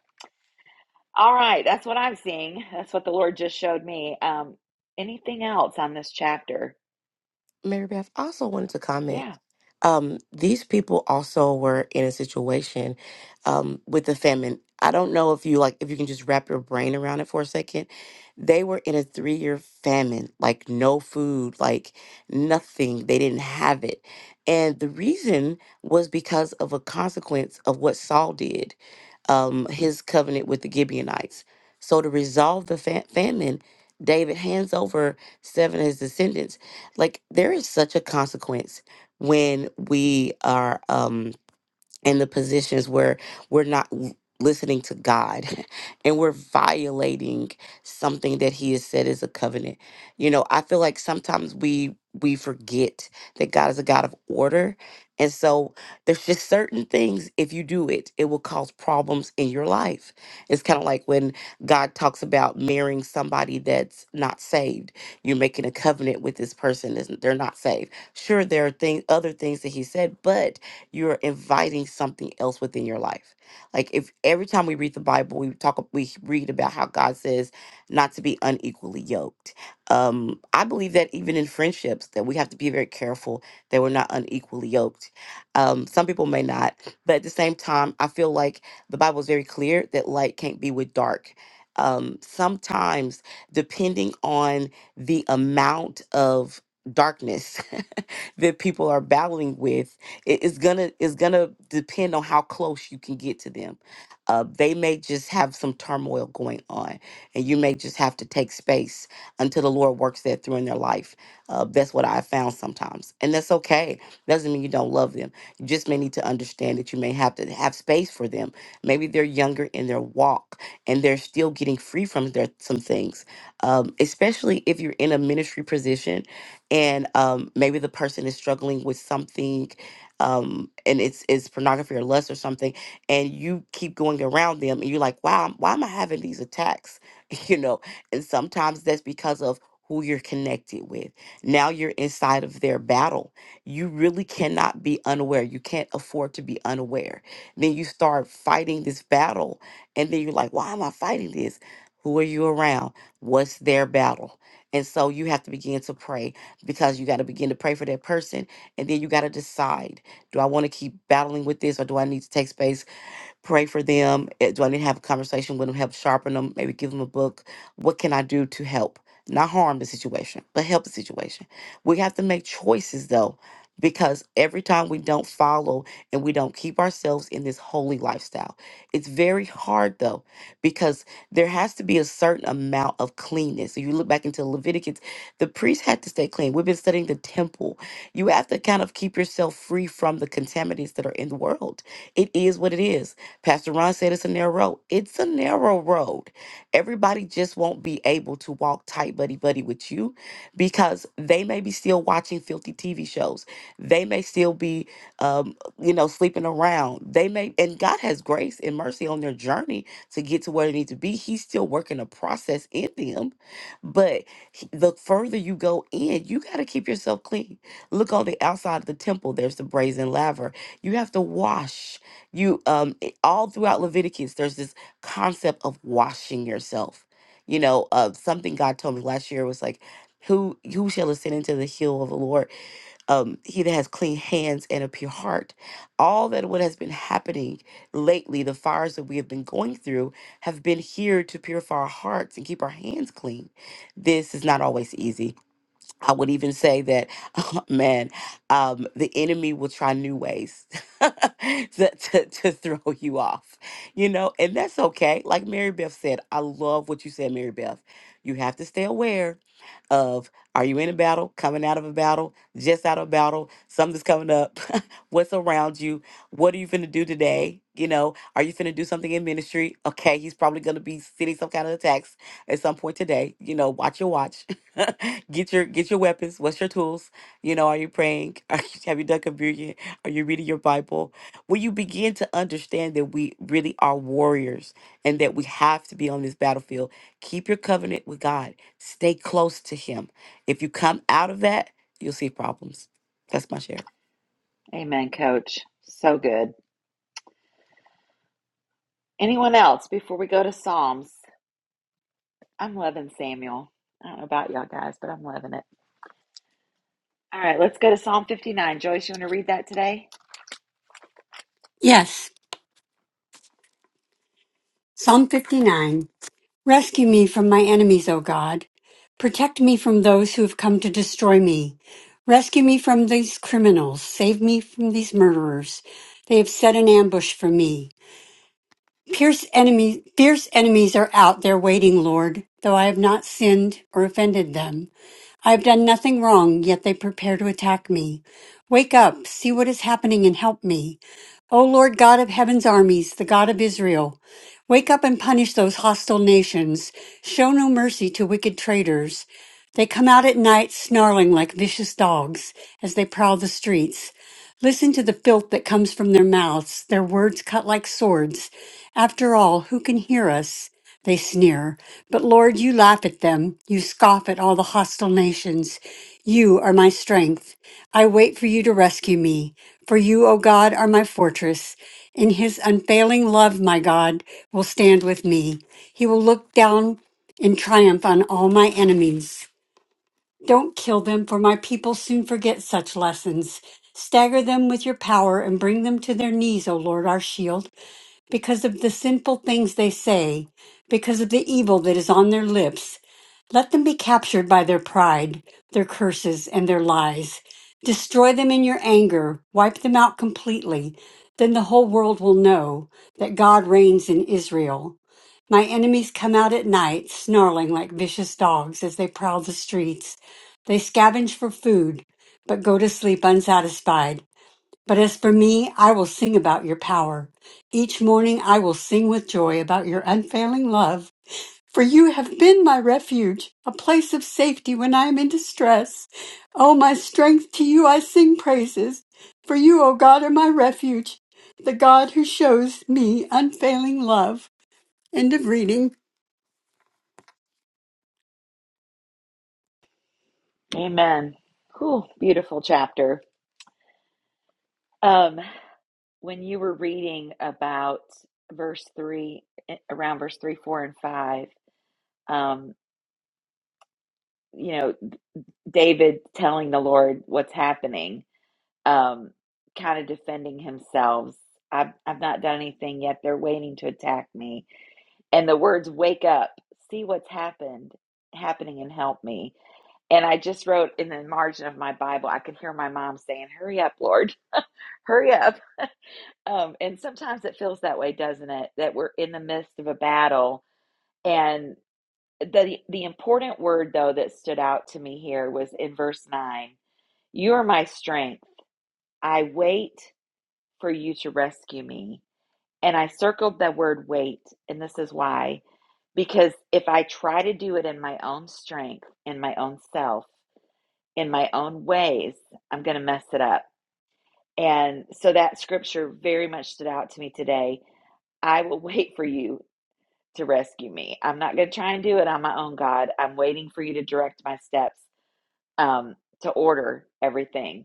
Speaker 1: all right, that's what I'm seeing. That's what the Lord just showed me. Um, anything else on this chapter?
Speaker 4: Mary Beth, I also wanted to comment.
Speaker 1: Yeah,
Speaker 4: Um, these people also were in a situation um, with the famine. I don't know if you like if you can just wrap your brain around it for a second. They were in a three year famine, like no food, like nothing. They didn't have it, and the reason was because of a consequence of what Saul did, um, his covenant with the Gibeonites. So to resolve the fa- famine, David hands over seven of his descendants like there is such a consequence when we are um in the positions where we're not w- listening to God and we're violating something that he has said is a covenant. You know, I feel like sometimes we we forget that God is a God of order. And so there's just certain things if you do it, it will cause problems in your life. It's kind of like when God talks about marrying somebody that's not saved. You're making a covenant with this person and they're not saved. Sure there are things other things that he said, but you're inviting something else within your life. Like if every time we read the Bible, we talk, we read about how God says not to be unequally yoked. Um, I believe that even in friendships, that we have to be very careful that we're not unequally yoked. Um, some people may not, but at the same time, I feel like the Bible is very clear that light can't be with dark. Um, sometimes, depending on the amount of darkness that people are battling with it- it's gonna it's gonna depend on how close you can get to them. Uh, they may just have some turmoil going on, and you may just have to take space until the Lord works that through in their life. Uh, that's what I found sometimes, and that's okay. Doesn't mean you don't love them. You just may need to understand that you may have to have space for them. Maybe they're younger in their walk, and they're still getting free from their some things. Um, especially if you're in a ministry position, and um, maybe the person is struggling with something um, and it's it's pornography or lust or something, and you keep going around them, and you're like, wow, why am I having these attacks? You know, and sometimes that's because of who you're connected with. Now you're inside of their battle. You really cannot be unaware. You can't afford to be unaware. Then you start fighting this battle, and then you're like, why am I fighting this? Who are you around? What's their battle? And so you have to begin to pray because you got to begin to pray for that person and then you got to decide do I want to keep battling with this or do I need to take space? pray for them? Eh, Do I need to have a conversation with them, help sharpen them, maybe give them a book? What can I do to help? Not harm the situation, but help the situation. We have to make choices though, because every time we don't follow and we don't keep ourselves in this holy lifestyle, it's very hard though, because there has to be a certain amount of cleanness. If you look back into Leviticus, the priest had to stay clean. We've been studying the temple. You have to kind of keep yourself free from the contaminants that are in the world. It is what it is Pastor Ron said it's a narrow road. It's a narrow road. Everybody just won't be able to walk tight buddy buddy with you because they may be still watching filthy TV shows. They may still be, um, you know, sleeping around. They may, and God has grace and mercy on their journey to get to where they need to be. He's still working a process in them, but he- the further you go in, you got to keep yourself clean. Look on the outside of the temple. There's the brazen laver. You have to wash. You um all throughout Leviticus, there's this concept of washing yourself. You know, uh, something God told me last year was like, "Who who shall ascend into the hill of the Lord? Um, he that has clean hands and a pure heart." All that what has been happening lately, the fires that we have been going through, have been here to purify our hearts and keep our hands clean. This is not always easy I would even say that, man, um, the enemy will try new ways to, to, to throw you off, you know, and that's okay. Like Mary Beth said, I love what you said, Mary Beth. You have to stay aware of are you in a battle, coming out of a battle, just out of a battle, something's coming up, what's around you, what are you finna do today? You know, are you finna do something in ministry? Okay, he's probably gonna be sending some kind of attacks at some point today. You know, watch your watch get your get your weapons. What's your tools? You know, are you praying? Are you, have you done communion? Are you reading your Bible? When you begin to understand that we really are warriors and that we have to be on this battlefield, keep your covenant with God. Stay close to Him. If you come out of that, you'll see problems. That's my share.
Speaker 1: Amen, Coach. So good. Anyone else before we go to Psalms? I'm loving Samuel. I don't know about y'all guys, but I'm loving it. All right, let's go to Psalm 59. Joyce, you want to read that today?
Speaker 2: Yes. Psalm 59. Rescue me from my enemies, O God. Protect me from those who have come to destroy me. Rescue me from these criminals. Save me from these murderers. They have set an ambush for me. Pierce enemy, fierce enemies are out there waiting, Lord, though I have not sinned or offended them. I have done nothing wrong, yet they prepare to attack me. Wake up, see what is happening and help me. O Lord God of heaven's armies, the God of Israel, wake up and punish those hostile nations. Show no mercy to wicked traitors. They come out at night snarling like vicious dogs as they prowl the streets. Listen to the filth that comes from their mouths, their words cut like swords. After all, who can hear us? They sneer. But Lord, you laugh at them. You scoff at all the hostile nations. You are my strength. I wait for you to rescue me. For you, O God, are my fortress. In his unfailing love, my God will stand with me. He will look down in triumph on all my enemies. Don't kill them, for my people soon forget such lessons. Stagger them with your power and bring them to their knees, O Lord, our shield, because of the sinful things they say, because of the evil that is on their lips. Let them be captured by their pride, their curses, and their lies. Destroy them in your anger, wipe them out completely. Then the whole world will know that God reigns in Israel. My enemies come out at night, snarling like vicious dogs as they prowl the streets. They scavenge for food, but go to sleep unsatisfied. But as for me, I will sing about your power. Each morning I will sing with joy about your unfailing love. For you have been my refuge, a place of safety when I am in distress. O my strength, to you I sing praises. For you, O God, are my refuge, the God who shows me unfailing love. End of reading.
Speaker 1: Amen. Cool, beautiful chapter. Um, when you were reading about verse three, eh, around verse three, four, and five, um, you know, David telling the Lord what's happening, um, kind of defending himself. I've, I've not done anything yet. They're waiting to attack me. and the words wake up see what's happened happening and help me and i just wrote in the margin of my bible i could hear my mom saying hurry up lord hurry up um, and sometimes it feels that way doesn't it that we're in the midst of a battle and the the important word though that stood out to me here was in verse 9 you are my strength i wait for you to rescue me And I circled that word wait, and this is why. Because if I try to do it in my own strength, in my own self, in my own ways, I'm going to mess it up. And so that scripture very much stood out to me today. I will wait for you to rescue me. I'm not going to try and do it on my own, God. I'm waiting for you to direct my steps um, to order everything.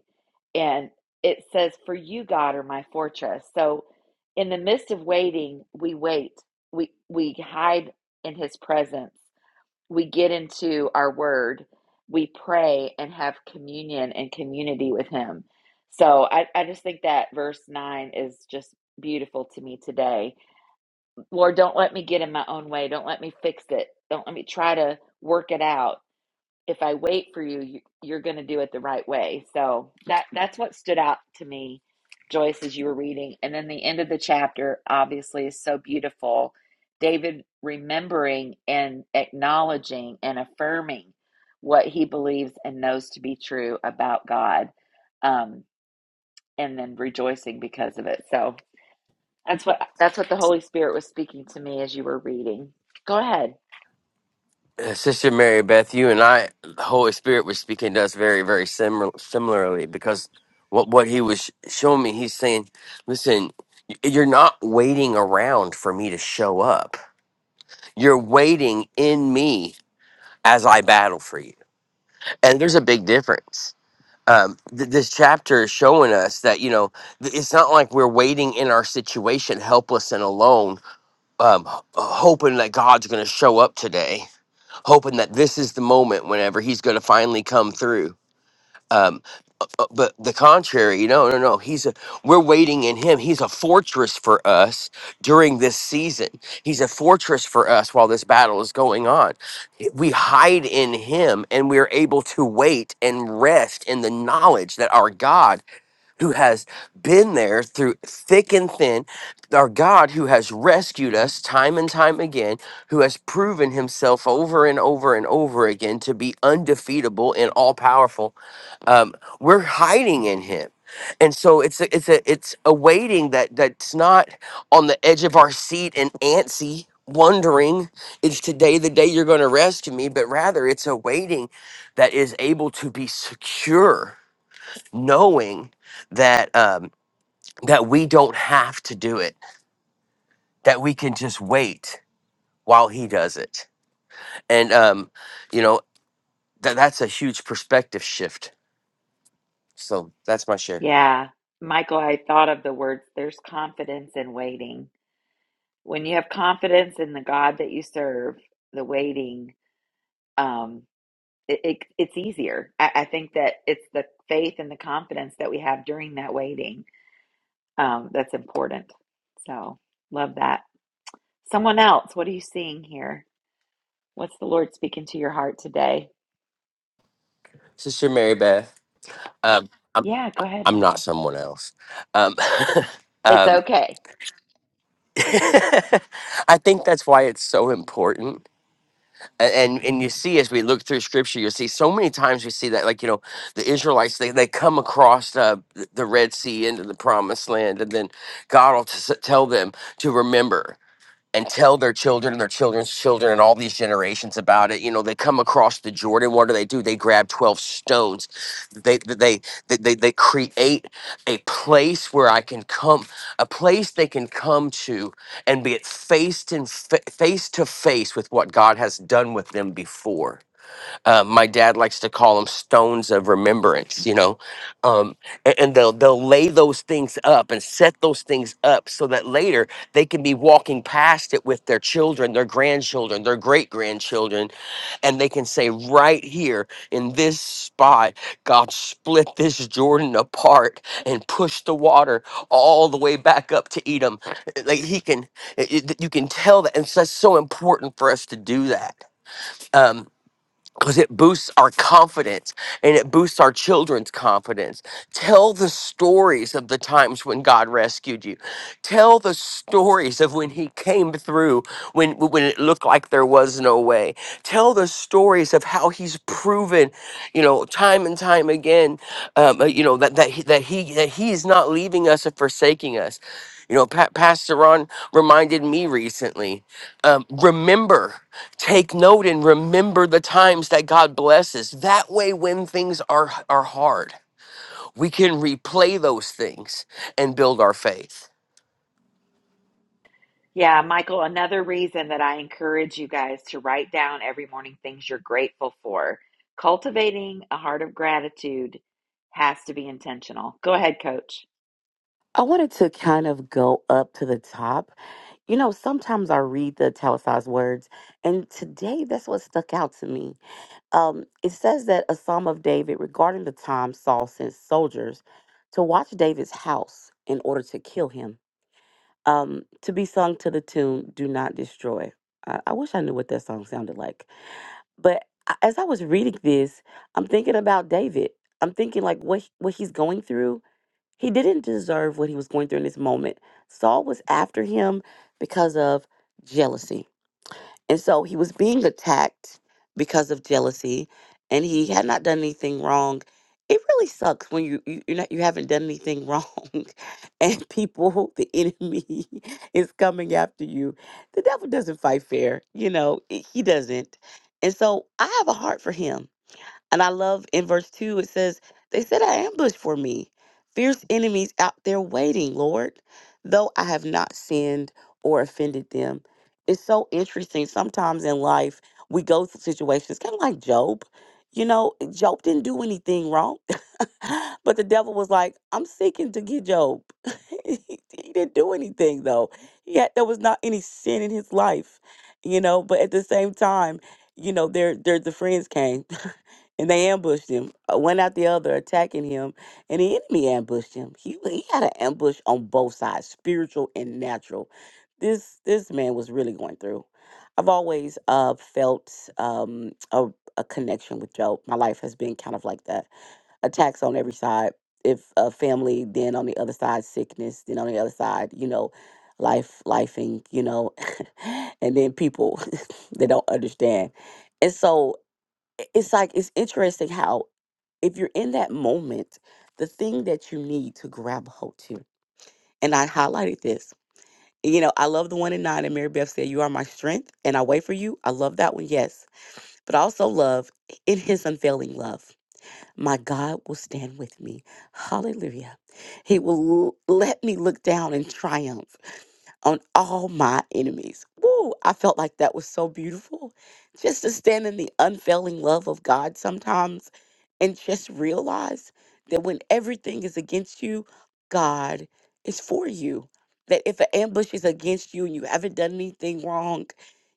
Speaker 1: And it says, For you, God, are my fortress. So in the midst of waiting, we wait. We we hide in his presence. We get into our word. We pray and have communion and community with him. So I, I just think that verse nine is just beautiful to me today. Lord, don't let me get in my own way. Don't let me fix it. Don't let me try to work it out if I wait for you, you you're going to do it the right way. So that that's what stood out to me, Joyce, as you were reading. And then the end of the chapter obviously is so beautiful. David remembering and acknowledging and affirming what he believes and knows to be true about God, um, and then rejoicing because of it. So that's what that's what the Holy Spirit was speaking to me as you were reading. Go ahead.
Speaker 8: Uh, Sister Mary Beth, you and I, the Holy Spirit was speaking to us very, very similar, similarly because what what He was showing me, He's saying, "Listen, y- you're not waiting around for me to show up. You're waiting in me as I battle for you." And there's a big difference. Um, th- this chapter is showing us that you know th- it's not like we're waiting in our situation, helpless and alone, um, h- hoping that God's going to show up today hoping that this is the moment whenever he's going to finally come through. Um, uh, but the contrary, no, no, no. He's a we're waiting in him. He's a fortress for us during this season. He's a fortress for us while this battle is going on. We hide in him and we're able to wait and rest in the knowledge that our God who has been there through thick and thin, our God who has rescued us time and time again, who has proven himself over and over and over again to be undefeatable and all powerful. Um, we're hiding in him. And so it's a, it's a it's a waiting that that's not on the edge of our seat and antsy wondering is today the day you're going to rescue me but rather it's a waiting that is able to be secure knowing that um, that we don't have to do it, that we can just wait while He does it, and um, you know that that's a huge perspective shift. So that's my share,
Speaker 1: Yeah, Michael, I thought of the words there's confidence in waiting. When you have confidence in the God that you serve, the waiting, um, it, it, it's easier. I, I think that it's the faith and the confidence that we have during that waiting um, that's important. So, love that. Someone else, what are you seeing here? What's the Lord speaking to your heart today?
Speaker 8: Sister Mary Beth. Um, I'm
Speaker 1: Yeah, go ahead,
Speaker 8: I'm not
Speaker 1: Michael.
Speaker 8: someone else. Um,
Speaker 1: It's
Speaker 8: um,
Speaker 1: okay.
Speaker 8: I think that's why it's so important A- and and you see as we look through scripture you'll see so many times we see that like you know the israelites they, they come across uh, the red sea into the promised land and then god will t- s- tell them to remember and tell their children and their children's children and all these generations about it. You know, they come across the Jordan. What do they do? They grab twelve stones. They they they they, they create a place where I can come, a place they can come to and be at faced in fa- face to face with what God has done with them before. Uh, my dad likes to call them stones of remembrance, you know, um, and, and they'll they'll lay those things up and set those things up so that later they can be walking past it with their children, their grandchildren, their great grandchildren, and they can say right here in this spot, God split this Jordan apart and pushed the water all the way back up to Edom. Like he can, it, it- you can tell that, and so that's so important for us to do that. Um, because it boosts our confidence and it boosts our children's confidence. Tell the stories of the times when God rescued you. Tell the stories of when He came through when when it looked like there was no way. Tell the stories of how He's proven, you know, time and time again, um, uh, you know that that he, that He that He is not leaving us or forsaking us. You know, pa- Pastor Ron reminded me recently. Um, remember take note and remember the times that God blesses. That way, when things are, are hard, we can replay those things and build our faith.
Speaker 1: Yeah, Michael, another reason that I encourage you guys to write down every morning things you're grateful for. Cultivating a heart of gratitude has to be intentional. Go ahead, coach.
Speaker 4: I wanted to kind of go up to the top. You know, sometimes I read the italicized words, and today that's what stuck out to me. um, it says that a psalm of David regarding the time Saul sent soldiers to watch David's house in order to kill him, um, to be sung to the tune "Do Not Destroy." I, I wish I knew what that song sounded like. But a- as I was reading this, I'm thinking about David. I'm thinking like what he- what he's going through. He didn't deserve what he was going through in this moment. Saul was after him because of jealousy and so he was being attacked because of jealousy and he had not done anything wrong. It really sucks when you you you're not, you haven't done anything wrong and people the enemy is coming after you. The devil doesn't fight fair, you know, i- he doesn't. And so I have a heart for him and I love in verse 2, it says, They set an ambush for me, fierce enemies out there waiting, Lord, though I have not sinned or offended them. It's so interesting. Sometimes in life, we go through situations kind of like Job. You know, Job didn't do anything wrong but the devil was like, I'm seeking to get Job. he, he didn't do anything though. He had there was not any sin in his life, you know, but at the same time, you know, there there the friends came and they ambushed him, uh, one after the other, attacking him, and the enemy ambushed him. He he had an ambush on both sides, spiritual and natural. This this man was really going through. I've always uh felt um a, a connection with Job. My life has been kind of like that attacks on every side. If a family, then on the other side, sickness, then on the other side, you know, life, lifing, you know, and then people they don't understand. And so i- it's like it's interesting how if you're in that moment, the thing that you need to grab hold to. And I highlighted this. You know, I love the one in nine, and Mary Beth said, You are my strength, and I wait for you. I love that one, yes. But I also love in his unfailing love my God will stand with me. Hallelujah. He will l- let me look down in triumph on all my enemies. Woo! I felt like that was so beautiful. Just to stand in the unfailing love of God sometimes and just realize that when everything is against you, God is for you. That if an ambush is against you and you haven't done anything wrong,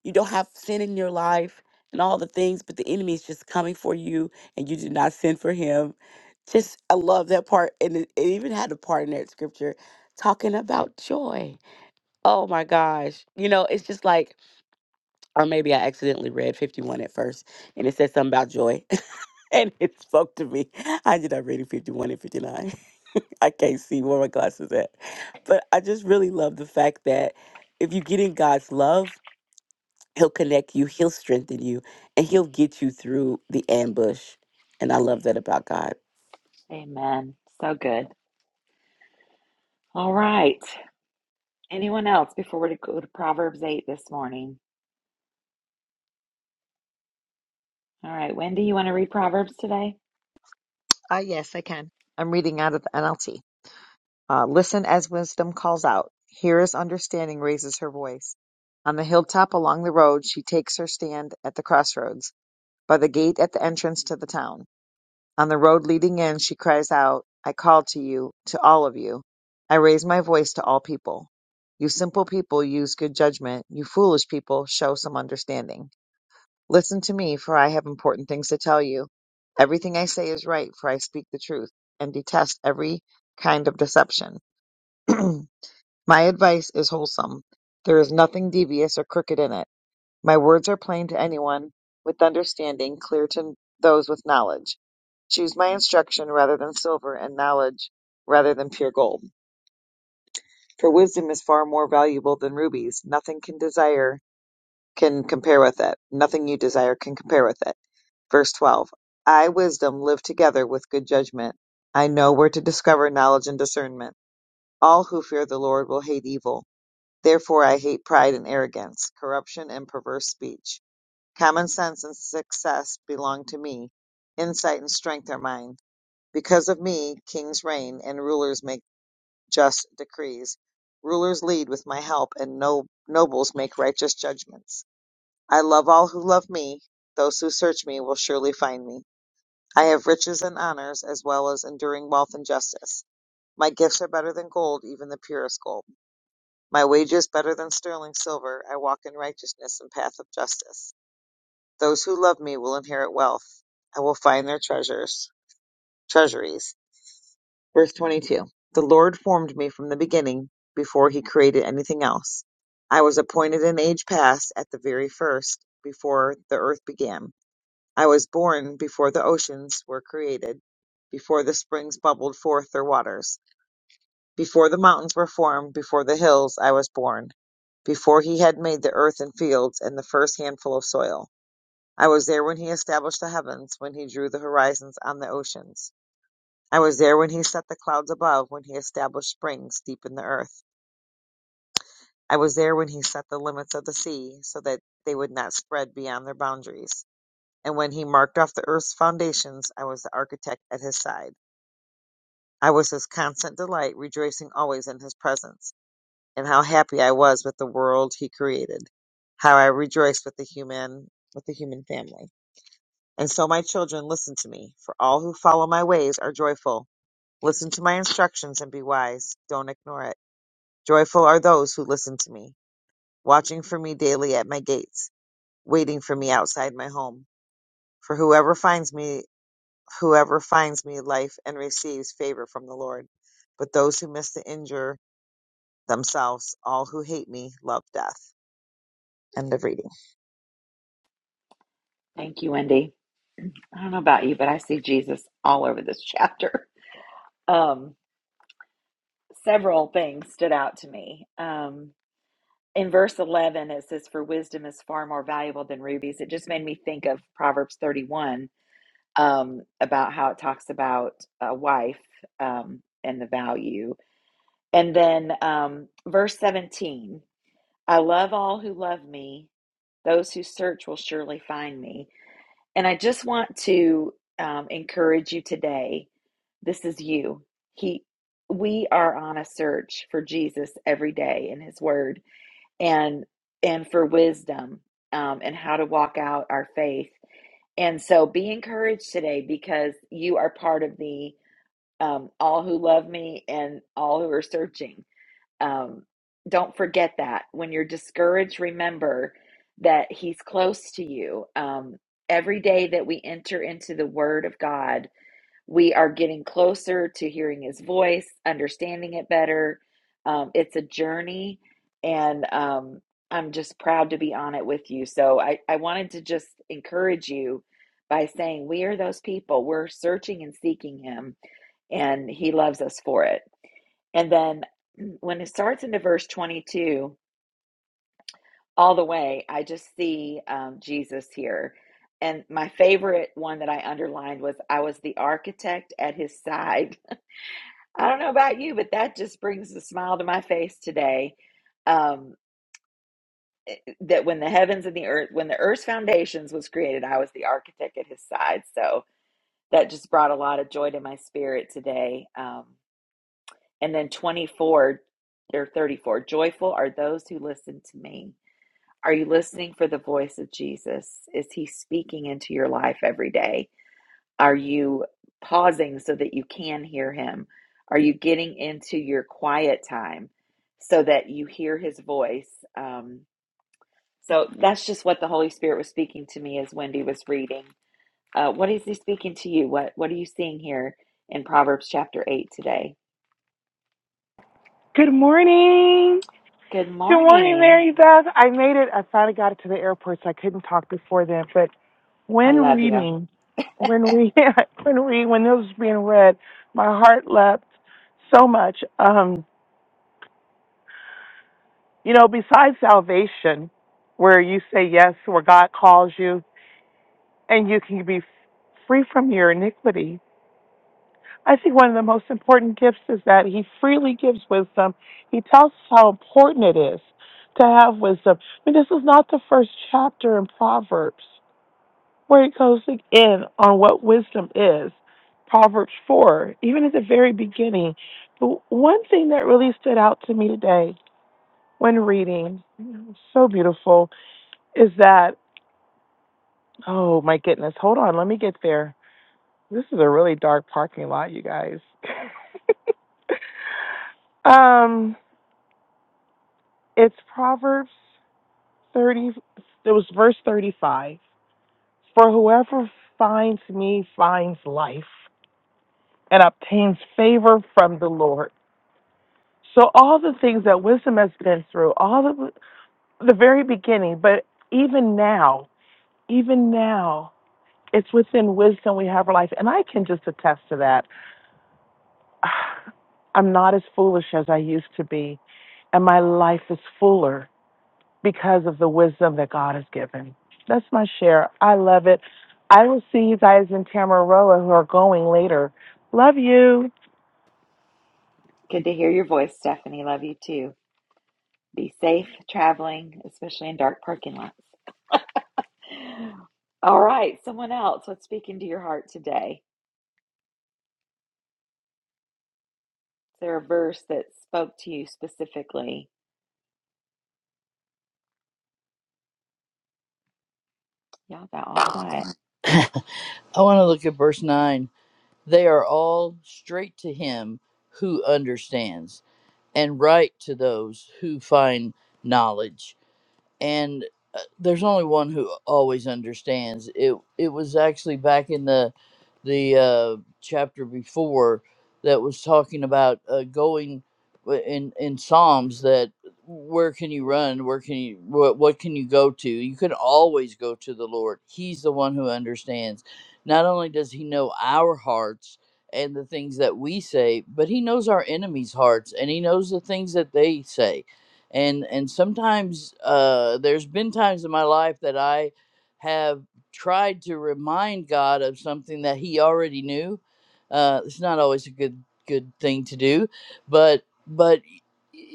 Speaker 4: you don't have sin in your life and all the things, but the enemy is just coming for you and you did not sin for him. Just, I love that part. And it, it even had a part in that scripture talking about joy Oh my gosh. You know, it's just like, or maybe I accidentally read 51 at first and it said something about joy and it spoke to me. I ended up reading 51 and 59. I can't see where my glasses at. But I just really love the fact that if you get in God's love, He'll connect you, He'll strengthen you, and He'll get you through the ambush. And I love that about God.
Speaker 1: Amen. So good. All right. Anyone else before we go to Proverbs 8 this morning? All right, Wendy, you want to read Proverbs today?
Speaker 9: Ah, yes, I can. I'm reading out of the NLT. Uh, Listen as wisdom calls out. Here as understanding raises her voice. On the hilltop along the road, she takes her stand at the crossroads, by the gate at the entrance to the town. On the road leading in, she cries out, I call to you, to all of you. I raise my voice to all people. You simple people use good judgment. You foolish people show some understanding. Listen to me, for I have important things to tell you. Everything I say is right, for I speak the truth, and detest every kind of deception. My advice is wholesome. There is nothing devious or crooked in it. My words are plain to anyone with understanding, clear to those with knowledge. Choose my instruction rather than silver, and knowledge rather than pure gold. For wisdom is far more valuable than rubies. Nothing can desire can compare with it. Nothing you desire can compare with it. Verse 12 I, wisdom, live together with good judgment. I know where to discover knowledge and discernment. All who fear the Lord will hate evil. Therefore, I hate pride and arrogance, corruption and perverse speech. Common sense and success belong to me. Insight and strength are mine. Because of me, kings reign and rulers make just decrees. Rulers lead with my help, and no- nobles make righteous judgments. I love all who love me. Those who search me will surely find me. I have riches and honors, as well as enduring wealth and justice. My gifts are better than gold, even the purest gold. My wages better than sterling silver. I walk in righteousness and path of justice. Those who love me will inherit wealth. I will find their treasures, treasuries. Verse 22. The Lord formed me from the beginning, before he created anything else. I was appointed in age past, at the very first, before the earth began. I was born before the oceans were created, before the springs bubbled forth their waters, before the mountains were formed, before the hills I was born, before he had made the earth and fields and the first handful of soil. I was there when he established the heavens, when he drew the horizons on the oceans. I was there when he set the clouds above, when he established springs deep in the earth. I was there when he set the limits of the sea so that they would not spread beyond their boundaries. And when he marked off the earth's foundations, I was the architect at his side. I was his constant delight, rejoicing always in his presence. And how happy I was with the world he created. How I rejoiced with the human, with the human family. And so my children, listen to me, for all who follow my ways are joyful. Listen to my instructions and be wise. Don't ignore it. Joyful are those who listen to me, watching for me daily at my gates, waiting for me outside my home. For whoever finds me Whoever finds me life and receives favor from the Lord. But those who miss to injure themselves, all who hate me love death. End of reading.
Speaker 1: Thank you, Wendy. I don't know about you, but I see Jesus all over this chapter. Um, several things stood out to me. Um, in verse 11 it says for wisdom is far more valuable than rubies it just made me think of proverbs 31 um, about how it talks about a wife um, and the value and then um, verse 17 i love all who love me those who search will surely find me and i just want to um, encourage you today this is you he we are on a search for jesus every day in his word and and for wisdom um, and how to walk out our faith. And so be encouraged today because you are part of the um, all who love me and all who are searching. Um, don't forget that when you're discouraged, remember that He's close to you. Um, every day that we enter into the Word of God we are getting closer to hearing his voice, understanding it better. Um, it's a journey, and um, I'm just proud to be on it with you. So I, I wanted to just encourage you by saying, We are those people. We're searching and seeking him, and he loves us for it. And then when it starts into verse 22, all the way, I just see um, Jesus here. And my favorite one that I underlined was I was the architect at his side I don't know about you, but that just brings a smile to my face today. Um, eh, eh, that when the heavens and the earth, when the earth's foundations was created, I was the architect at his side. So that just brought a lot of joy to my spirit today. Um, and then 24 or 34, joyful are those who listen to me. Are you listening for the voice of Jesus? Is he speaking into your life every day? Are you pausing so that you can hear him? Are you getting into your quiet time so that you hear his voice? Um, so that's just what the Holy Spirit was speaking to me as Wendy was reading. Uh, what is he speaking to you? What What are you seeing here in Proverbs chapter eight today?
Speaker 10: Good morning.
Speaker 1: Good
Speaker 10: Good morning,
Speaker 1: morning.
Speaker 10: Mary Beth. I made it. I finally got it to the airport, so I couldn't talk before then. But
Speaker 1: I
Speaker 10: when
Speaker 1: love you.
Speaker 10: reading, when we, when we, when this was being read, my heart leapt so much. Um, you know, besides salvation, where you say yes, where God calls you, and you can be free from your iniquity I think one of the most important gifts is that he freely gives wisdom. He tells us how important it is to have wisdom. I mean, this is not the first chapter in Proverbs where it goes in on what wisdom is. Proverbs 4, even at the very beginning. But one thing that really stood out to me today when reading, so beautiful, is that, oh my goodness, hold on, let me get there. This is a really dark parking lot, you guys. um, It's Proverbs 30, it was verse 35. For whoever finds me finds life and obtains favor from the Lord. So, all the things that wisdom has been through, all the, the very beginning, but even now, even now, it's within wisdom we have our life. And I can just attest to that. I'm not as foolish as I used to be, and my life is fuller because of the wisdom that God has given. That's my share. I love it. I will see you guys in Tamaroa who are going later. Love you.
Speaker 1: Good to hear your voice, Stephanie. Love you too. Be safe traveling, especially in dark parking lots. All right, someone else. What's speaking to your heart today? Is there a verse that spoke to you specifically? Y'all got all quiet.
Speaker 5: I want to look at verse 9. They are all straight to Him who understands, and right to those who find knowledge. and uh, there's only one who always understands. It it was actually back in the the uh, chapter before that was talking about uh, going w- in in Psalms that where can you run? Where can you what what can you go to? You can always go to the Lord. He's the one who understands. Not only does he know our hearts and the things that we say, but he knows our enemies' hearts and he knows the things that they say and and sometimes uh, there's been times in my life that I have tried to remind God of something that He already knew. Uh, it's not always a good good thing to do, but but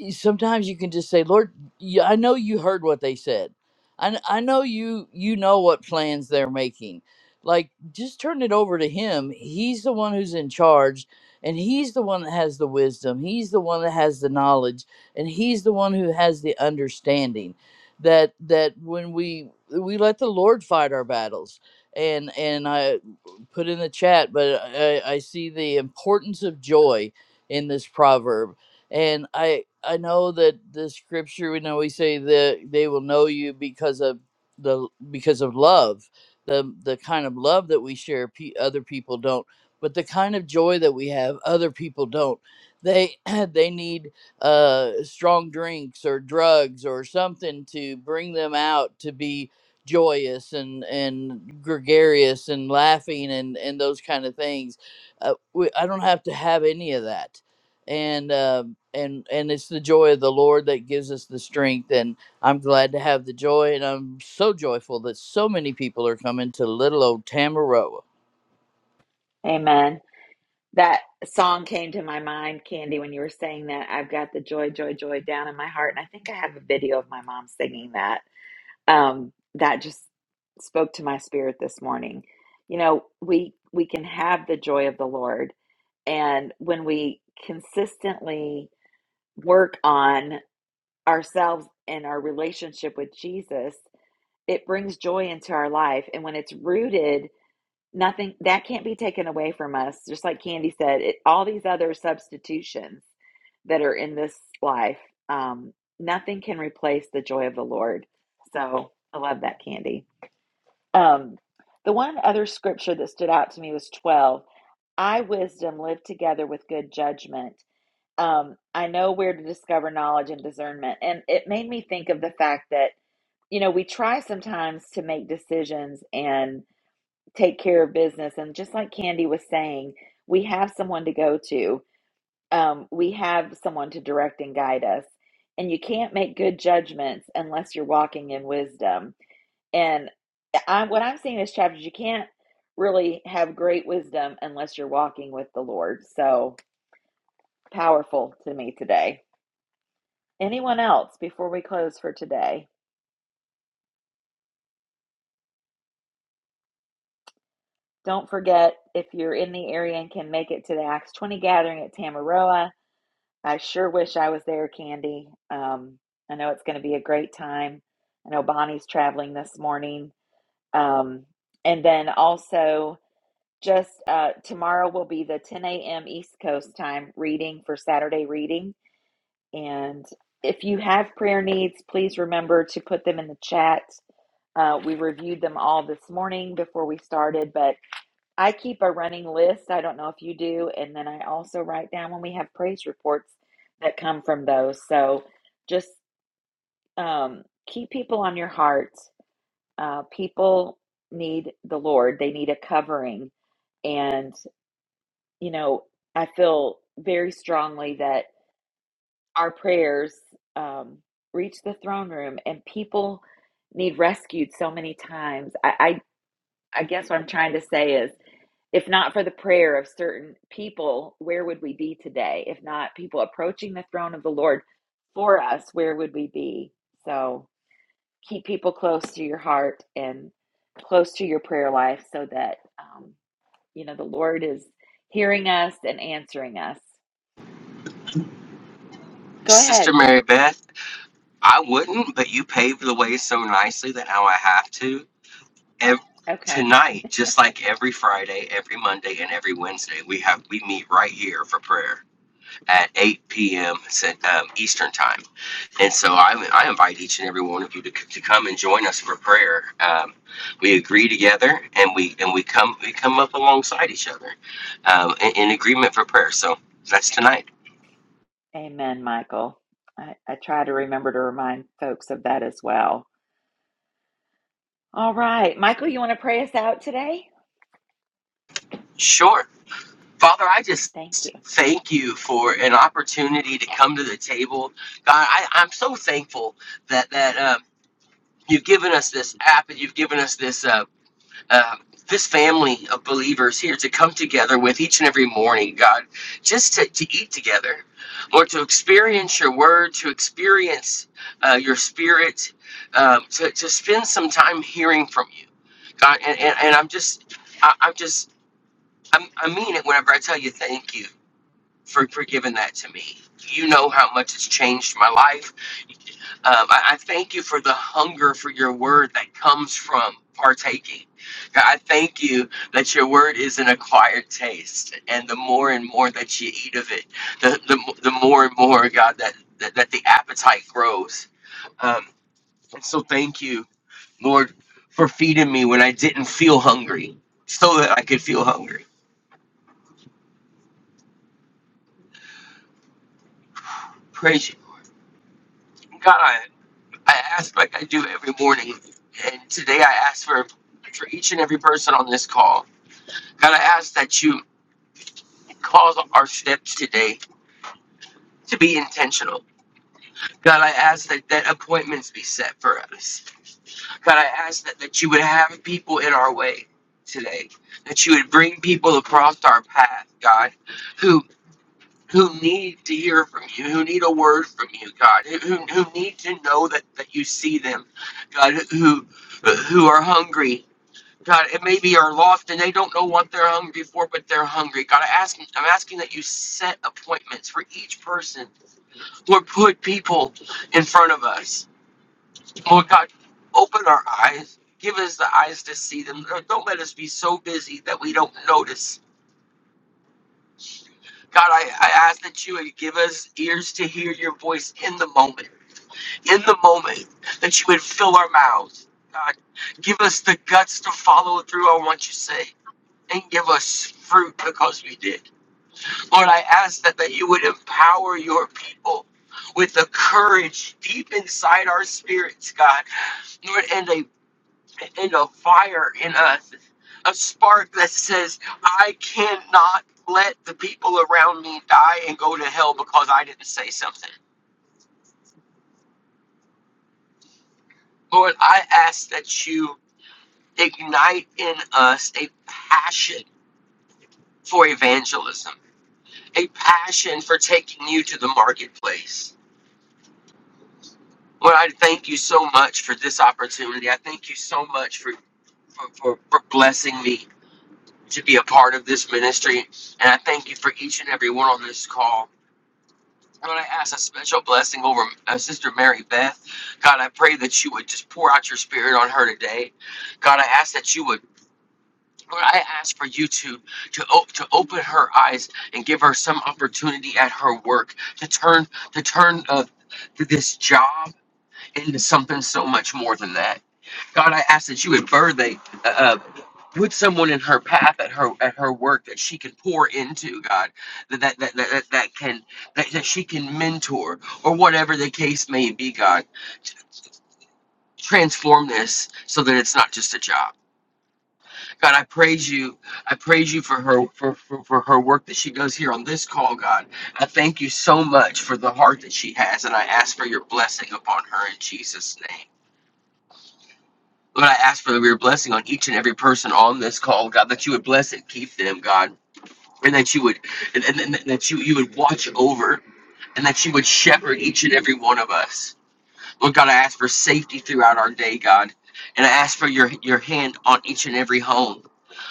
Speaker 5: y- sometimes you can just say, Lord, y- I know you heard what they said. I, kn- I know you you know what plans they're making. Like just turn it over to him. He's the one who's in charge and he's the one that has the wisdom. He's the one that has the knowledge and he's the one who has the understanding that that when we we let the lord fight our battles and and i put in the chat but i i see the importance of joy in this proverb and i i know that the scripture we know we say that they will know you because of the because of love the the kind of love that we share pe- other people don't but the kind of joy that we have other people don't they they need uh, strong drinks or drugs or something to bring them out to be joyous and and gregarious and laughing and and those kind of things. Uh, we, I don't have to have any of that, and um and and it's the joy of the Lord that gives us the strength. And I'm glad to have the joy, and I'm so joyful that so many people are coming to little old Tamaroa
Speaker 1: Amen. That song came to my mind, Candy, when you were saying that. I've got the joy, joy, joy down in my heart. And I think I have a video of my mom singing that. Um, that just spoke to my spirit this morning. You know, we we can have the joy of the Lord. And when we consistently work on ourselves and our relationship with Jesus, it brings joy into our life and when it's rooted nothing that can't be taken away from us just like candy said it, all these other substitutions that are in this life um, nothing can replace the joy of the lord so i love that candy um, the one other scripture that stood out to me was 12 i wisdom live together with good judgment um, i know where to discover knowledge and discernment and it made me think of the fact that you know, we try sometimes to make decisions and take care of business. And just like Candy was saying, we have someone to go to, um, we have someone to direct and guide us. And you can't make good judgments unless you're walking in wisdom. And I, what I'm seeing in this chapter is you can't really have great wisdom unless you're walking with the Lord. So powerful to me today. Anyone else before we close for today? Don't forget, if you're in the area and can make it to the Acts 20 gathering at Tamaroa, I sure wish I was there, Candy. Um, I know it's going to be a great time. I know Bonnie's traveling this morning. Um, and then also, just uh, tomorrow will be the 10 a.m. East Coast time reading for Saturday reading. And if you have prayer needs, please remember to put them in the chat. Uh, we reviewed them all this morning before we started, but I keep a running list. I don't know if you do. And then I also write down when we have praise reports that come from those. So just um, keep people on your heart. Uh, people need the Lord, they need a covering. And, you know, I feel very strongly that our prayers um, reach the throne room and people need rescued so many times. I, I, I guess what I'm trying to say is If not for the prayer of certain people, where would we be today? If not people approaching the throne of the Lord for us, where would we be? So keep people close to your heart and close to your prayer life so that, um, you know, the Lord is hearing us and answering us. Go
Speaker 8: Sister
Speaker 1: ahead.
Speaker 8: Mary Beth, I wouldn't, but you paved
Speaker 1: Yeah.
Speaker 8: the way so nicely that now I have to. Ev-
Speaker 1: Okay.
Speaker 8: tonight, just like every Friday, every Monday, and every Wednesday, we have we meet right here for prayer at 8 p.m. Cent- um, Eastern time. And so I, I invite each and every one of you to, to come and join us for prayer. Um, we agree together and we and we come we come up alongside each other um, in, in agreement for prayer. So that's tonight.
Speaker 1: Amen, Michael. I, I try to remember to remind folks of that as well. All right. Michael, you want to pray us out today?
Speaker 8: Sure. Father, I just
Speaker 1: Thank you.
Speaker 8: thank you for an opportunity to come to the table. God, I, I'm so thankful that that um, you've given us this app and you've given us this. Uh, uh, this family of believers here to come together with each and every morning, God, just to, to eat together, Lord, to experience your word, to experience uh, your spirit, um, to, to spend some time hearing from you, God. And, and, and I'm just, I, I'm just, I'm, I mean it whenever I tell you thank you for, for giving that to me. You know how much it's changed my life um, I, I thank you for the hunger for your word that comes from partaking. God, I thank you that your word is an acquired taste, and the more and more that you eat of it, the the, the more and more, God, that that, that the appetite grows. Um, and so, thank you, Lord, for feeding me when I didn't feel hungry, so that I could feel hungry. Praise you, God. I, I ask like I do every morning, and today I ask for for each and every person on this call. God, I ask that you cause our steps today to be intentional. God, I ask that, that appointments be set for us. God, I ask that, that you would have people in our way today, that you would bring people across our path, God, who who need to hear from you, who need a word from you, God, who, who who need to know that, that you see them, God, who who are hungry. God, it maybe are lost and they don't know what they're hungry for, but they're hungry. God, I ask, I'm asking that you set appointments for each person Lord, put people in front of us. Lord God, open our eyes. Give us the eyes to see them. Lord, Don't let us be so busy that we don't notice. God, I, I ask that you would give us ears to hear your voice in the moment, in the moment, that you would fill our mouths. God, give us the guts to follow through on what you say and give us fruit because we did. Lord, I ask that, that you would empower your people with the courage deep inside our spirits, God Lord, and a and a fire in us, a spark that says, I cannot let the people around me die and go to hell because I didn't say something. Lord, I ask that you ignite in us a passion for evangelism, a passion for taking you to the marketplace. Lord, I thank you so much for this opportunity. I thank you so much for, for, for, for blessing me to be a part of this ministry. And I thank you for each and every one on this call. Lord, I ask a special blessing over uh, Sister Mary Beth. God, I pray that you would just pour out your spirit on her today. God, I ask that you would. Lord, I ask for you to to op- to open her eyes and give her some opportunity at her work to turn to turn uh, this job into something so much more than that. God, I ask that you would birth a, put someone in her path at her at her work that she can pour into god that that that that, that that can that, that she can mentor or whatever the case may be god transform this so that it's not just a job god i praise you i praise you for her for, for for her work that she does here on this call god i thank you so much for the heart that she has and i ask for your blessing upon her in jesus name Lord, I ask for your blessing on each and every person on this call, God, that you would bless and keep them, God and that you would and, and, and that you you would watch over and that you would shepherd each and every one of us lord god i ask for safety throughout our day god and i ask for your your hand on each and every home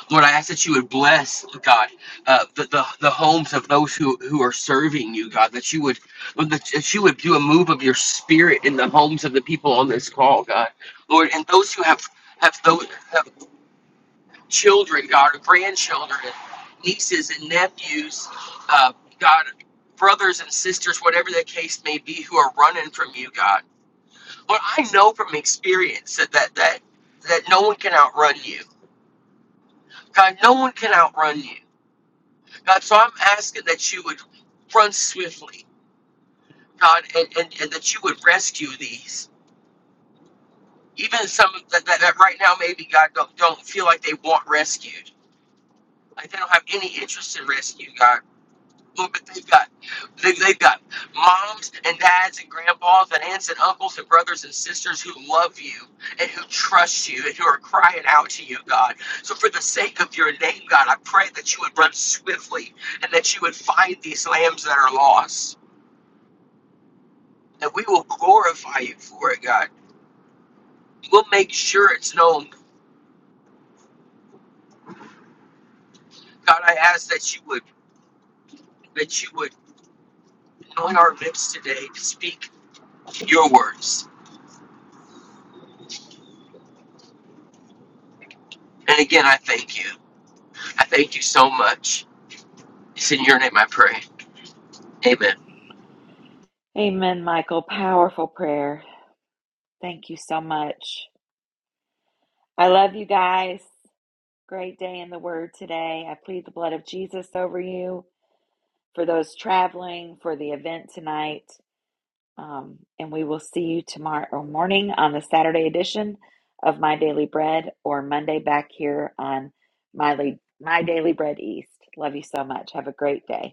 Speaker 8: lord i ask that you would bless god uh, the, the the homes of those who who are serving you god that you would Lord, that that you would do a move of your spirit in the homes of the people on this call god lord and those who have have those children, God, or grandchildren, and nieces and nephews, uh, God, brothers and sisters, whatever the case may be, who are running from you, God. Lord, I know from experience that that that, that no one can outrun you. God, no one can outrun you. God, so I'm asking that you would run swiftly, God, and, and, and that you would rescue these. Even some that, that, that right now maybe God don't, don't feel like they want rescued. Like they don't have any interest in rescue, God. Look, but they've got they, they've got moms and dads and grandpas and aunts and uncles and brothers and sisters who love you and who trust you and who are crying out to you, God. So for the sake of your name, God, I pray that you would run swiftly and that you would find these lambs that are lost. And we will glorify you for it, God. We'll make sure it's known. God, I ask that you would that you would anoint our lips today to speak your words. And again, I thank you. I thank you so much. It's in your name I pray. Amen.
Speaker 1: Amen, Michael. Powerful prayer. Thank you so much. I love you guys. Great day in the Word today. I plead the blood of Jesus over you for those traveling, for the event tonight. Um, and we will see you tomorrow morning on the Saturday edition of My Daily Bread or Monday back here on My, Le- My Daily Bread East. Love you so much. Have a great day.